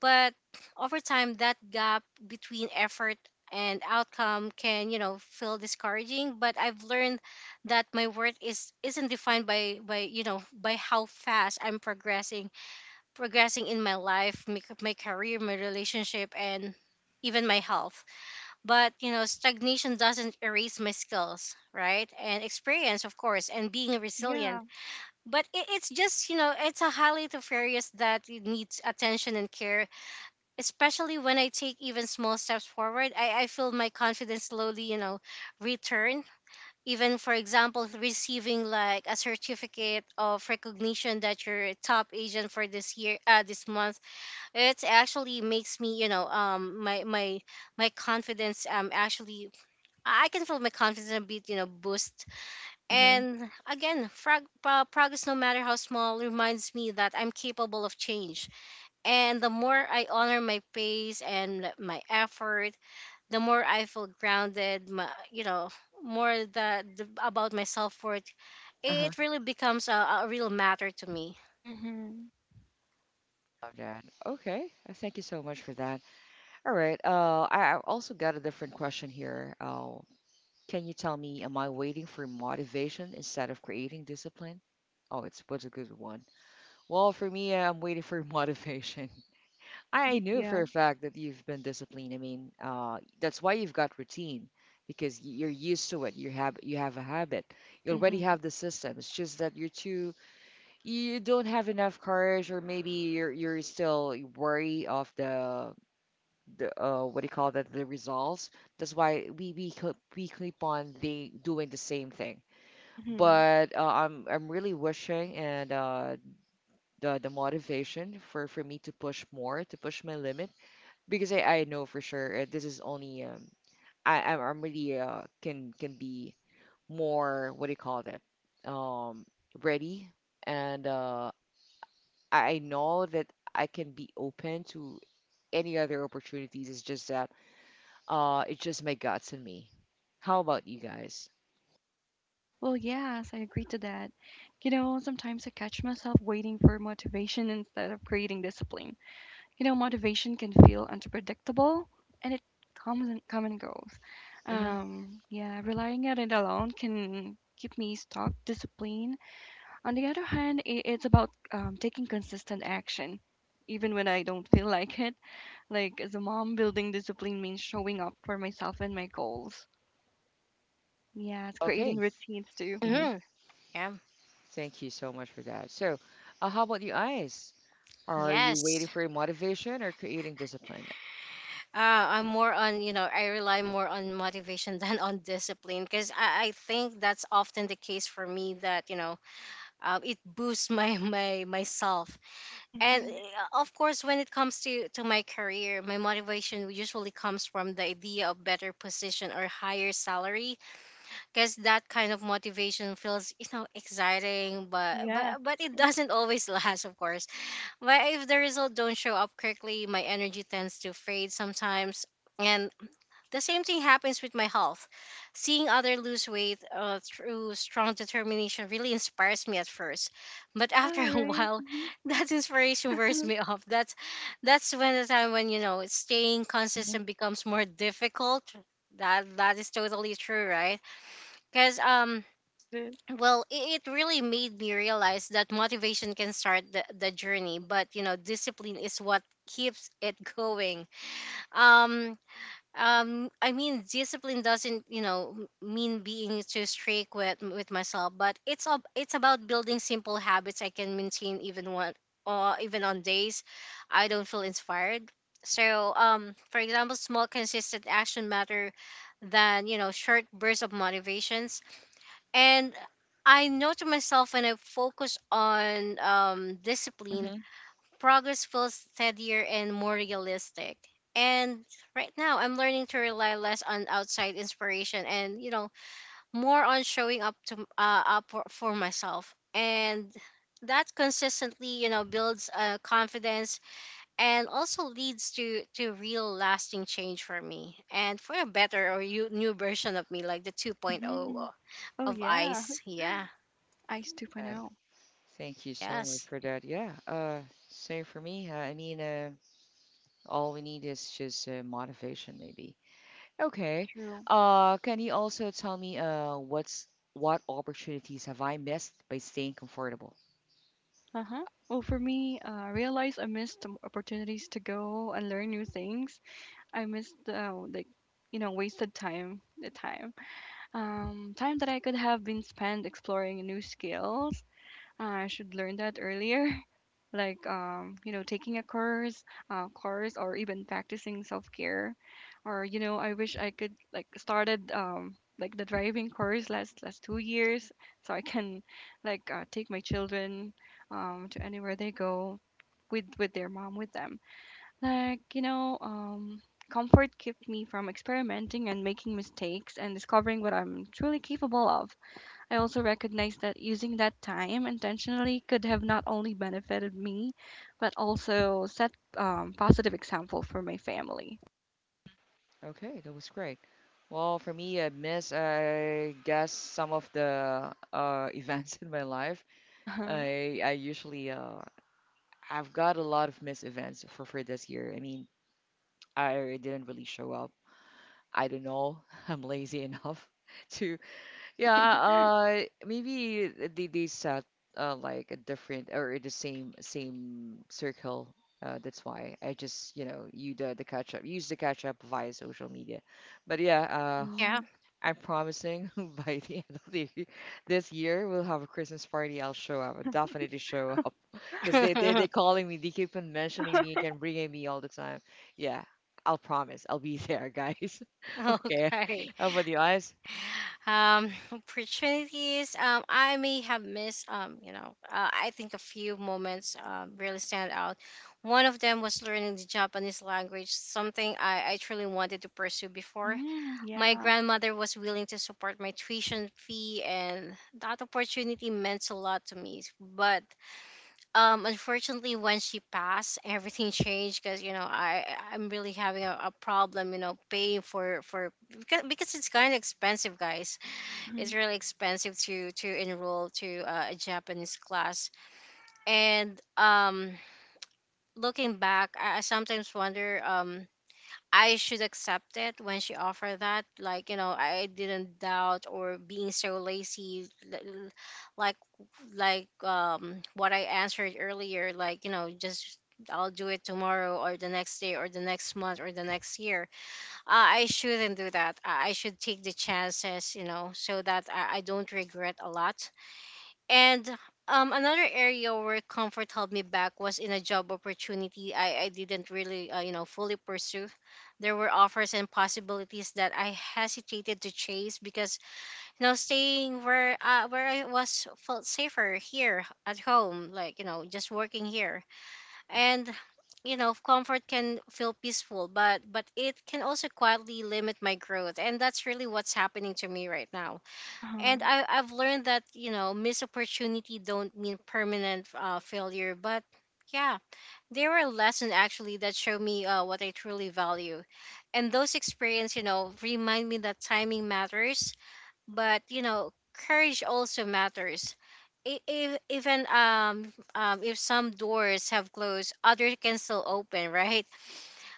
S3: But over time that gap between effort and outcome can, you know, feel discouraging. But I've learned that my worth is isn't defined by you know, by how fast I'm progressing progressing in my life, my career, my relationship, and even my health. But you know, stagnation doesn't erase my skills, right, and experience of course, and being
S2: Mm,
S3: resilient.
S2: yeah.
S3: But it's just, you know, it's a highly nefarious that it needs attention and care, especially when I take even small steps forward. I feel my confidence slowly, you know, return. Even for example, receiving like a certificate of recognition that you're a top agent for this year, this month, it actually makes me, you know, my confidence, actually, I can feel my confidence a bit, you know, boost.
S1: Mm-hmm.
S3: And again, progress, no matter how small, reminds me that I'm capable of change. And the more I honor my pace and, like, my effort, the more I feel grounded, my, you know, more the about my self worth.
S1: Uh-huh.
S3: It really becomes a real matter to me.
S2: Mhm.
S1: Love that. Okay. Thank you so much for that. All right. I also got a different question here. Can you tell me, am I waiting for motivation instead of creating discipline? Oh, it's what's a good one. Well, for me, I'm waiting for (laughs) motivation. I
S2: (laughs)
S1: knew for
S2: Yeah.
S1: a fact that you've been disciplined. I mean, that's why you've got routine because you're used to it. You have a habit. You already
S2: Mhm.
S1: have the system. It's just that you don't have enough courage or maybe you're still wary of the what do you call that, the results. That's why we keep on the doing the same thing.
S2: Mhm.
S1: But I'm really wishing and the motivation for me to push more to push my limit because I know for sure this is only I'm really can be more what do you call that um ready, and I know that I can be open to any other opportunities. It's just that, it's just my guts and me. How about you guys?
S2: Well, yes, I agree to that. You know, sometimes I catch myself waiting for motivation instead of creating discipline. You know, motivation can feel unpredictable and it come and goes.
S1: Hmm.
S2: Yeah, relying on it alone can keep me stuck. Discipline, on the other hand, I it's about taking consistent action, even when I don't feel (laughs) like it. Like, as a mom, building discipline means showing up for myself and my goals. Yes, creating
S1: Okay.
S2: routines too.
S1: Hmm.
S2: (laughs)
S3: Hmm. Yeah.
S1: Thank you so much for that. So, how about you guys? Are you
S3: Yes.
S1: waiting for your motivation or creating discipline?
S3: Uh, I'm more on, you know, I rely more on motivation (laughs) than on discipline, because I think that's often the case for me that, you know, it boosts my myself. And
S2: Mhm.
S3: of course, when it comes to my career, my motivation usually comes from the idea of better position or higher salary, because that kind of motivation feels, you know, exciting, but
S2: Yes.
S3: it doesn't always (laughs) last, of course. But if the result don't show up quickly, my energy tends to fade sometimes. And the same thing happens with my health. Seeing other lose weight, through strong determination, really inspires me at first, but after (laughs)
S2: Yeah,
S3: a
S2: right?
S3: while,
S2: Mhm.
S3: that inspiration wears
S2: (laughs)
S3: me off. That's when the time when, you know, staying
S1: Hmm.
S3: consistent becomes more difficult. That that is totally true, right? Because
S2: It is.
S3: well, it really made me realize that motivation can start the journey, but you know, discipline is what keeps it going. Um, I mean discipline doesn't, you know, mean being too strict with myself, but it's about building simple habits I can maintain even what, or even on days I don't feel inspired. So for example, small consistent action matter than, you know, short bursts of motivations. And I know to myself, when I focus on discipline,
S1: Hmm.
S3: progress feels steadier and more realistic. And right now, I'm learning to rely less on outside inspiration and, you know, more on showing up to, up for myself. And that consistently, you know, builds, confidence, and also leads to real lasting change for me and for a better, or you, new version of me, like the 2.0
S2: Mm-hmm. Oh,
S3: of
S2: yeah.
S3: Ice. Yeah.
S2: Ice
S1: Uh,
S2: 2.0.
S1: thank you so much
S3: Yes.
S1: for that. Yeah. Same for me. I mean, all we need is just motivation, maybe. Okay.
S2: True.
S1: Can you also tell me, what opportunities have I missed by staying comfortable?
S2: Uh huh. Well, for me, I realized I missed some opportunities to go and learn new things. I missed, like, you know, wasted time, the time. Time that I could have been spent exploring new skills. I should learn that earlier. Like you know taking a course or even practicing self-care or you know I wish I could like started like the driving course last 2 years so I can like take my children to anywhere they go with their mom with them, like you know comfort kept me from experimenting and making mistakes and discovering what I'm truly capable of. I also recognized that using that time intentionally could have not only benefited me, but also set positive example for my family.
S1: Okay, that was great. Well, for me, I miss, I guess, some of the (laughs) events in my life.
S2: Uh huh.
S1: I I usually uh, I've got a lot of missed events for this year. I mean, I didn't really show up. I don't know. (laughs) I'm lazy enough (laughs) to, yeah. Maybe they set like a different or the same circle. That's why I just you the catch up use the catch up via social media. But yeah,
S3: Yeah.
S2: Mm.
S1: I'm promising (laughs) by the end of the year, this year we'll have a Christmas party. I'll show up. I'll definitely show up (laughs) because they
S3: (laughs)
S1: calling me. They keep on mentioning me and bringing me all the time. Yeah, I'll promise. I'll be there, guys. (laughs) Okay.
S3: Okay.
S1: How about you guys?
S3: (laughs) Opportunities. I may have missed. You know, I think a few moments, really stand out. One of them was learning the Japanese language, something I truly wanted to pursue before.
S2: Mm,
S3: My
S2: yeah.
S3: grandmother was willing to support my tuition fee, and that opportunity meant a lot to me. But unfortunately, when she passed, everything (laughs) changed, because you know I'm really having a problem, you know, paying for because it's kind of expensive, guys. It's
S2: Mm-hmm.
S3: really expensive to enroll to, a Japanese class. And looking back, I sometimes wonder, I should accept it when she offered that. Like you know, I didn't doubt or being so lazy, l- l- like like, what I answered earlier. Like you know, just I'll do it tomorrow, or the next day, or the next month, or the next year. I shouldn't do that. I should take the chances, you know, so that I don't regret a lot. And another area where comfort held me back was in a job opportunity I didn't really, you know, fully pursue. There were offers and possibilities that I hesitated to chase because, you know, staying where, where I was felt safer here at home, like, you know, just working here. And you know, comfort can feel peaceful, but it can also quietly limit my growth, and that's really what's happening to me right now.
S2: Uh huh.
S3: And I've learned that you know, missed opportunity don't mean permanent, failure, but yeah, they were a lesson actually that showed me, what I truly value, and those experience, you know, remind me that timing matters, but you know, courage also matters. If, even if some doors have closed, others can still open, (laughs) right?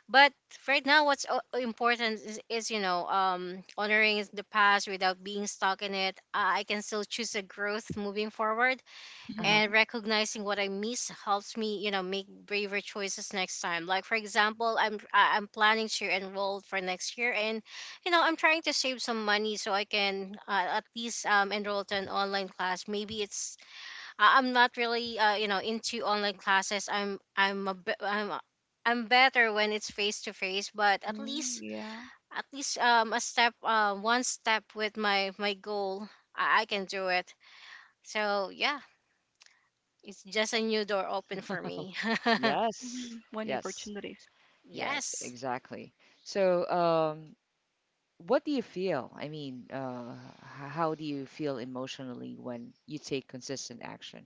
S3: But right now, important is, you know, honoring is the past without being stuck in it. I can still choose a growth moving forward,
S1: Uh-huh.
S3: and
S2: Mm-hmm.
S3: recognizing what I miss helps me, you know, make braver choices next time. Like for example, I'm planning to enroll for next year, and you know, I'm trying to save some money so I can, at least, enroll to an online class. Maybe it's, I'm not really, you know, into online classes. I'm a bit I'm a- I'm better when it's face to face, but
S2: Mm, yeah.
S3: at least, a step, one step with my goal, I can do it. So yeah, it's just a new door open for me.
S1: Yes.
S2: Hmm. Many
S1: Yes.
S2: opportunities.
S3: (laughs)
S1: Yes.
S3: Yes.
S1: Exactly. So, what do you feel? I mean, how do you feel emotionally when you take consistent action?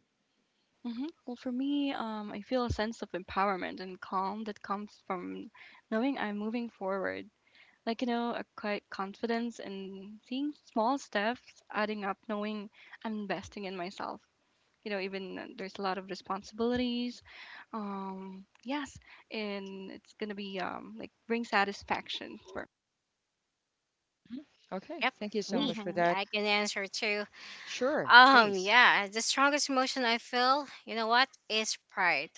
S2: Mm-hmm. Well, for me, I feel a sense of empowerment and calm that comes from knowing I'm moving forward, like you know a quite confidence in seeing small steps adding up, knowing I'm investing in myself, you know, even there's a lot of responsibilities. Yes, and it's gonna be like bring satisfaction for.
S1: Mhm. Okay,
S3: Yep,
S1: thank you so
S3: me.
S1: much for
S2: Mm-hmm.
S3: Yeah,
S1: that.
S3: I can answer too.
S1: Sure, please.
S3: Yeah, the strongest emotion I feel, you know what, is pride.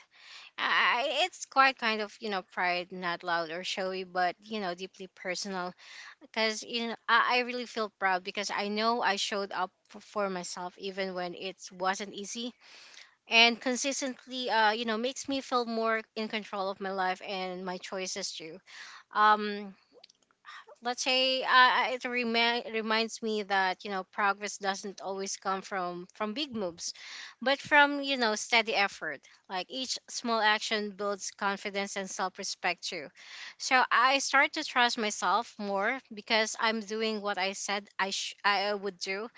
S3: It's quite kind of, you know, pride, not loud or showy, but you know, deeply personal. Because you know I really feel proud because I know I showed up for myself even when it wasn't easy, and consistently you know makes me feel more in control of my life and my choices too. Um, let's say reminds me that you know progress doesn't always come from big moves but from you know steady effort, like each small action builds confidence and self-respect too. So I start to trust myself more because I'm doing what I said I would do,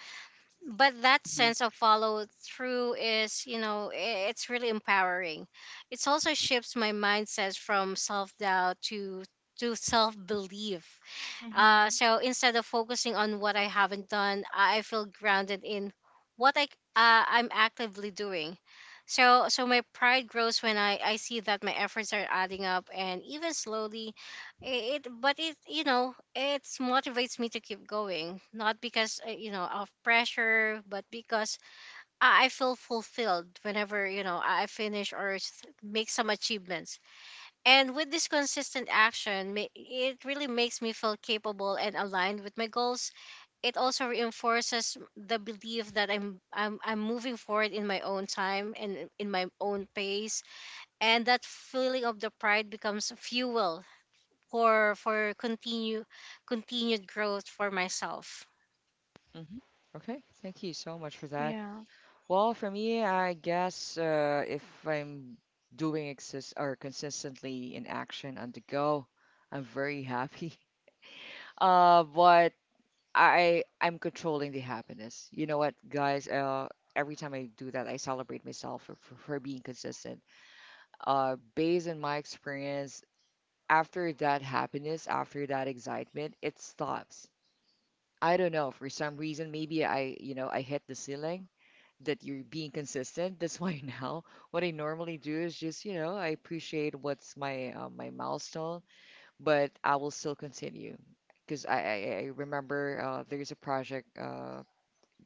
S3: but that
S1: Hmm.
S3: sense of follow through is, you know, it's really empowering. It also shifts my mindset from self-doubt to self-belief.
S2: Mm-hmm.
S3: So instead of focusing on what I haven't done, I feel grounded in what I c- I'm actively doing. So my pride grows when I see that my efforts are adding up and even slowly I- it but it, you know, it motivates me to keep going, not because you know, of pressure, but because I feel fulfilled whenever you know I finish or make some achievements, and with this consistent action, it really makes me feel capable and aligned with my goals. It also reinforces the belief that I'm moving forward in my own time and in my own pace, and that feeling of the pride becomes fuel for continued growth for myself.
S1: Hmm. Okay, thank you so much for that.
S2: Yeah.
S1: Well, for me, I guess if I'm doing exist or consistently in action on the go, I'm very happy. (laughs) But I'm controlling the happiness. You know what, guys? Every time I do that, I celebrate myself for being consistent. Based on my experience, after that happiness, after that excitement, it stops. I don't know, for some reason, maybe I hit the ceiling that you're being consistent. That's why (laughs) now what I normally do is just, I appreciate what's my milestone, but I will still continue because I remember there's a project.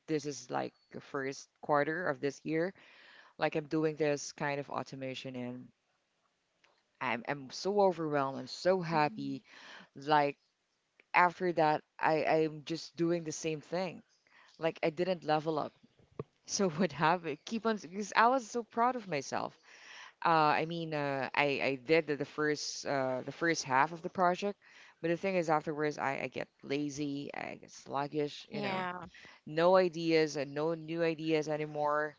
S1: This is like the first quarter of this year. Like I'm doing this kind of automation, and I'm so overwhelmed. I'm so
S2: Mm-hmm.
S1: happy. Like after that, I'm just doing the same thing. Like I didn't level up. So (laughs) what happened? Keep on because I was so proud of myself. I mean, I did the first half of the project, but the thing is afterwards I get lazy, I get sluggish,
S3: Yeah.
S1: no ideas and no new ideas anymore.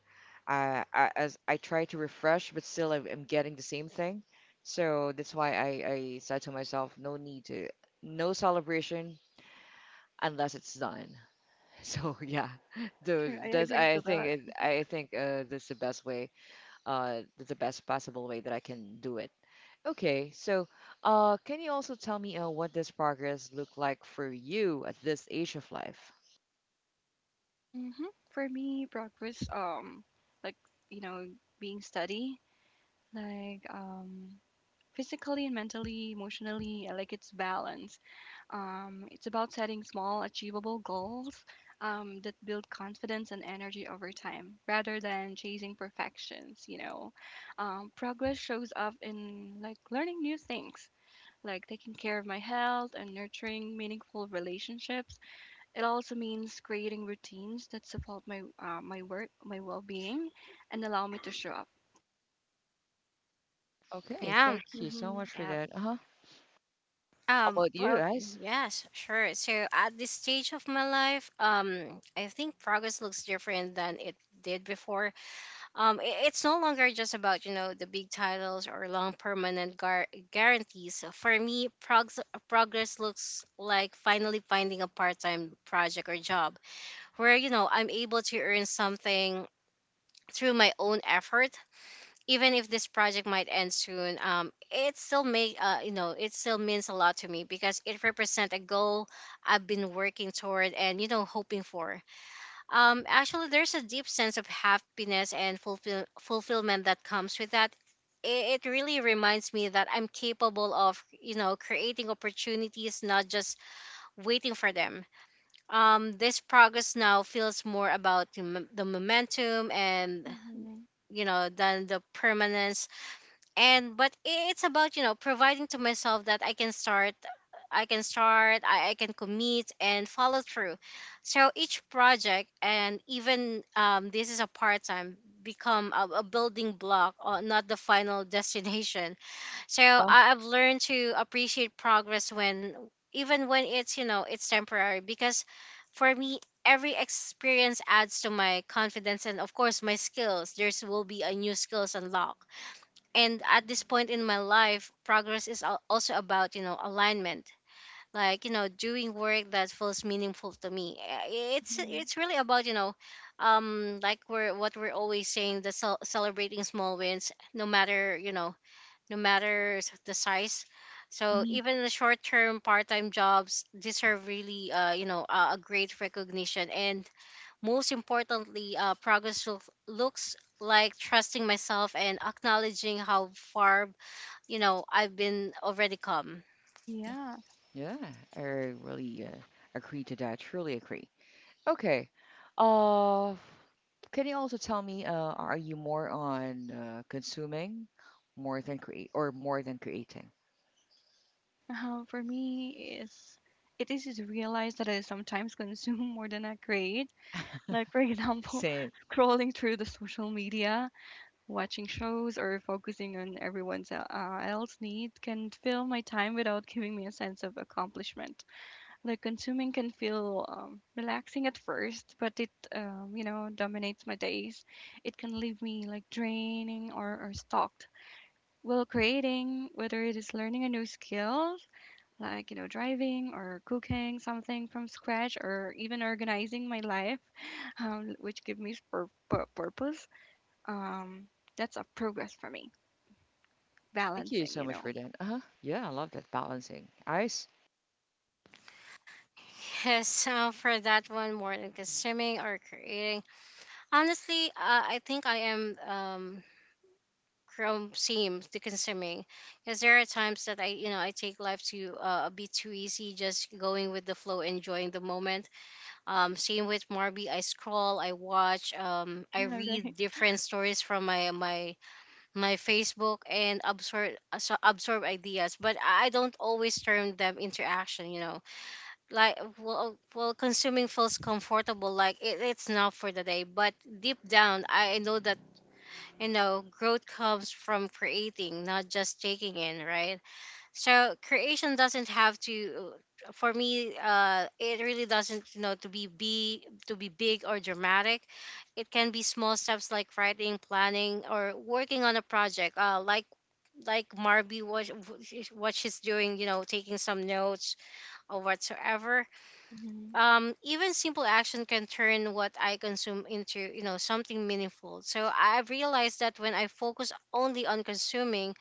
S1: I, as I try to refresh, but still I'm getting the same thing. So that's why I said to myself, no celebration unless it's done. (laughs) So yeah. (laughs)
S2: True.
S1: Dude,
S2: I
S1: that's
S2: agree to
S1: I think
S2: that.
S1: it, I think that's the best way, uh, the best possible way that I can do it. Okay, so can you also tell me what does progress look like for you at this age of life?
S2: Mm-hmm. For me, progress, like, you know, being steady, like, physically and mentally, emotionally, like it's balance. It's about setting small, achievable goals that build confidence and energy over time rather than chasing perfections, you know. Progress shows up in like learning new things, like taking care of my health and nurturing meaningful relationships. It also means creating routines that support my my work, my well-being, and allow me to show up.
S1: Okay,
S3: Yeah.
S1: thank you so
S2: Mm-hmm.
S1: much for
S3: Yeah.
S1: that. Uh-huh. How
S3: Um,
S1: about you
S3: well,
S1: guys?
S3: yes, sure. So at this stage of my life, I think progress looks different than it did before. It's no longer just about, you know, the big titles or long permanent guarantees. For me, progress looks like finally finding a part-time project or job where, you know, I'm able to earn something through my own effort. Even if this project might end soon, it still may, you know, it still means a lot to me because it represents a goal I've been working toward and you know hoping for. Actually, there's a deep sense of happiness and fulfillment that comes with that. It really reminds me that I'm capable of, you know, creating opportunities, not just waiting for them. This progress now feels more about the momentum and
S2: Mm-hmm.
S3: you know than the permanence, and but it's about you know providing to myself that I can start, I can commit and follow through. So each project and even this is a part-time become a building block or not the final (laughs) destination. So
S1: Uh,
S3: I, I've learned to appreciate progress when even when it's you know it's temporary, because for me every experience adds to my confidence and of course my skills, there's will be a new skills unlocked. And at this point in my life progress is also about you know alignment, like you know doing work that feels meaningful to me. It's
S2: Mm-hmm.
S3: it's really about you know like we're what we're always saying, the celebrating small wins no matter you know no matter the size. So
S1: mhm.
S3: even the short term part time jobs deserve really you know a great recognition. And most importantly progress looks like trusting myself and acknowledging how far you know, I've been already calm.
S2: Yeah.
S1: Yeah, I really agree to that. Truly agree. Okay. Uh, can you also tell me, are you more on consuming more than creating?
S2: For me, is it is to realize that I sometimes consume more than I create. Like for example,
S1: Same.
S2: (laughs) scrolling through the social media, watching shows, or focusing on everyone's else need can fill my time without giving me a sense of accomplishment. Like consuming can feel relaxing at first, but it you know dominates my days. It can leave me like draining, or stalked. Well, creating, whether it is learning a new skill, like, you know, driving or cooking something from scratch or even organizing my life, which give me purpose. Um, that's a progress for me.
S1: Thank you
S2: Balancing,
S1: so
S2: you
S1: much
S2: know.
S1: for
S2: (laughs)
S1: that. Uh-huh. Yeah, I love that balancing. Ice.
S3: (laughs) Yes, so for that one, more than consuming or creating, honestly, I think I am Chrome seems to consuming, because there are times that I, you know, I take life to a bit too easy, just going with the flow, enjoying the moment. Same with Marby, I scroll, I watch, I
S2: Yeah, right.
S3: read different stories from my Facebook and absorb absorb ideas, but I don't always turn them into action, you know. Like consuming feels comfortable, like it, it's enough for the day, but deep down I know that you know growth comes from creating, not just taking in, right? So creation doesn't have to, for me it really doesn't you know to be to be big or dramatic. It can be small steps like writing, planning, or working on a project like Marby, what she's doing, you know, taking some notes or whatsoever.
S2: Mhm.
S3: Um, even simple action can turn what I consume into you know something meaningful. So I've realized that when I focus only on consuming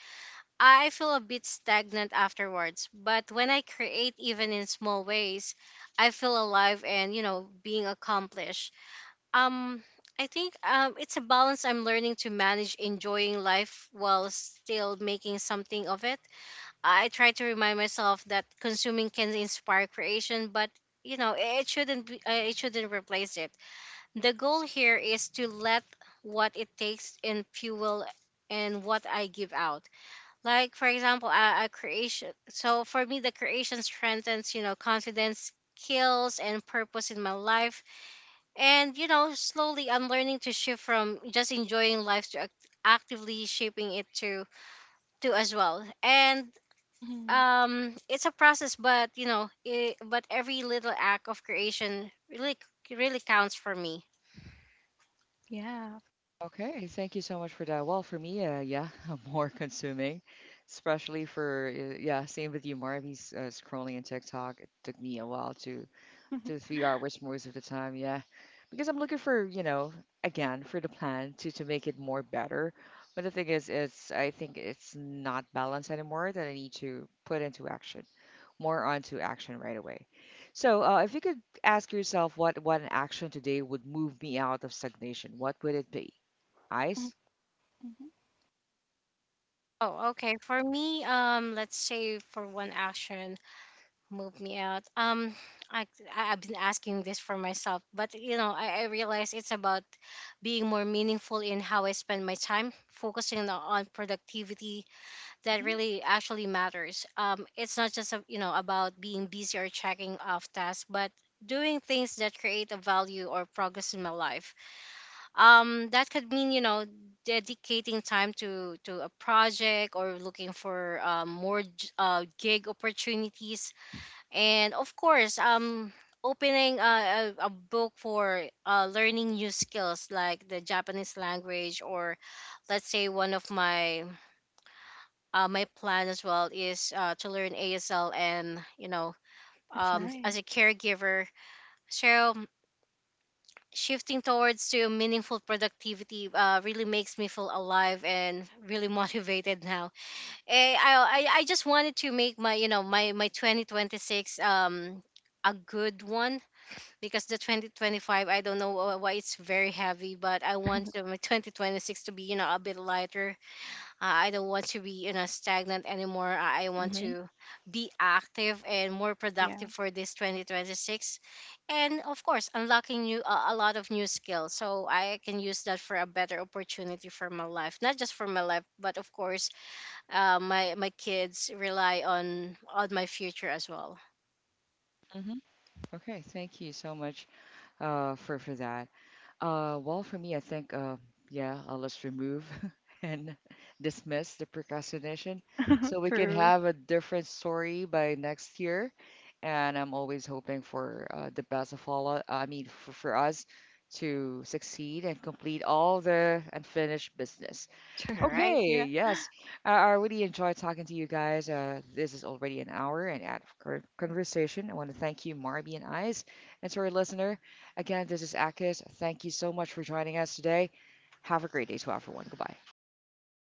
S3: I feel a bit stagnant afterwards, but when I create even in small ways I feel alive and you know being accomplished. um I think it's a balance I'm learning to manage, enjoying life while still making something of it. I try to remind myself that consuming can inspire creation, but you know it shouldn't be, it shouldn't replace it. The goal here is to let what it takes and fuel and what I give out. Like for example, a creation. So for me, the creation strengthens you know confidence, skills, and purpose in my life. And you know slowly, I'm learning to shift from just enjoying life to actively shaping it to as well. And
S2: Mhm.
S3: it's a process but you know it, but every little act of creation really really counts for me.
S2: Yeah.
S1: Okay, thank you so much for that. Well, for me, yeah, (laughs) more consuming, especially for yeah, same with you, Marby's scrolling in TikTok. It took me a while to 3 hours most of the time, yeah, because I'm looking for, again, for the plan to make it more better. But the thing is, it's I think it's not balanced anymore that I need to put into action, more onto action right away. So, if you could ask yourself what an action today would move me out of stagnation, what would it be?
S2: Mhm.
S1: Eyes?
S3: Oh, okay. For me let's say for one action move me out i I've been asking this for myself, but you know I realize it's about being more meaningful in how I spend my time, focusing on productivity that
S2: Mhm.
S3: really actually matters. It's not just a, you know, about being busy or checking off tasks, but doing things that create a value or progress in my life. That could mean you know dedicating time to a project or looking for more gig opportunities, and of course, opening a book for learning new skills like the Japanese language, or let's say one of my my plan as well is to learn ASL and you know
S2: That's nice.
S3: as a caregiver. So shifting towards to meaningful productivity really makes me feel alive and really (laughs) motivated now. Eh, I just wanted to make my you know my 2026 a good one, because the 2025 I don't know why it's very heavy, but I want my 2026 to be you know a bit lighter. I don't want to be you know stagnant anymore. I want
S1: Mm-hmm.
S3: to be active and more
S2: Yeah.
S3: productive for this 2026, and of course unlocking new a lot of new skills. So I can use that for a better opportunity for my life, not just for my life, but of course my kids rely on my future as well.
S1: Mm-hmm. Okay, thank you so much, for that. Well, for me, I think yeah, let's remove (laughs) and dismiss the procrastination so we can
S2: True.
S1: have a different story by next year. And I'm always hoping for the best of all. I mean, for us to succeed and complete all the unfinished business.
S2: (laughs) True.
S3: All right.
S1: Okay,
S2: Yeah.
S1: yes. I really enjoyed talking to you guys. This is already an hour and out of conversation. I want to thank you, Marby and Eyes. And to our listener, again, this is Akis. Thank you so much for joining us today. Have a great day to everyone. Goodbye.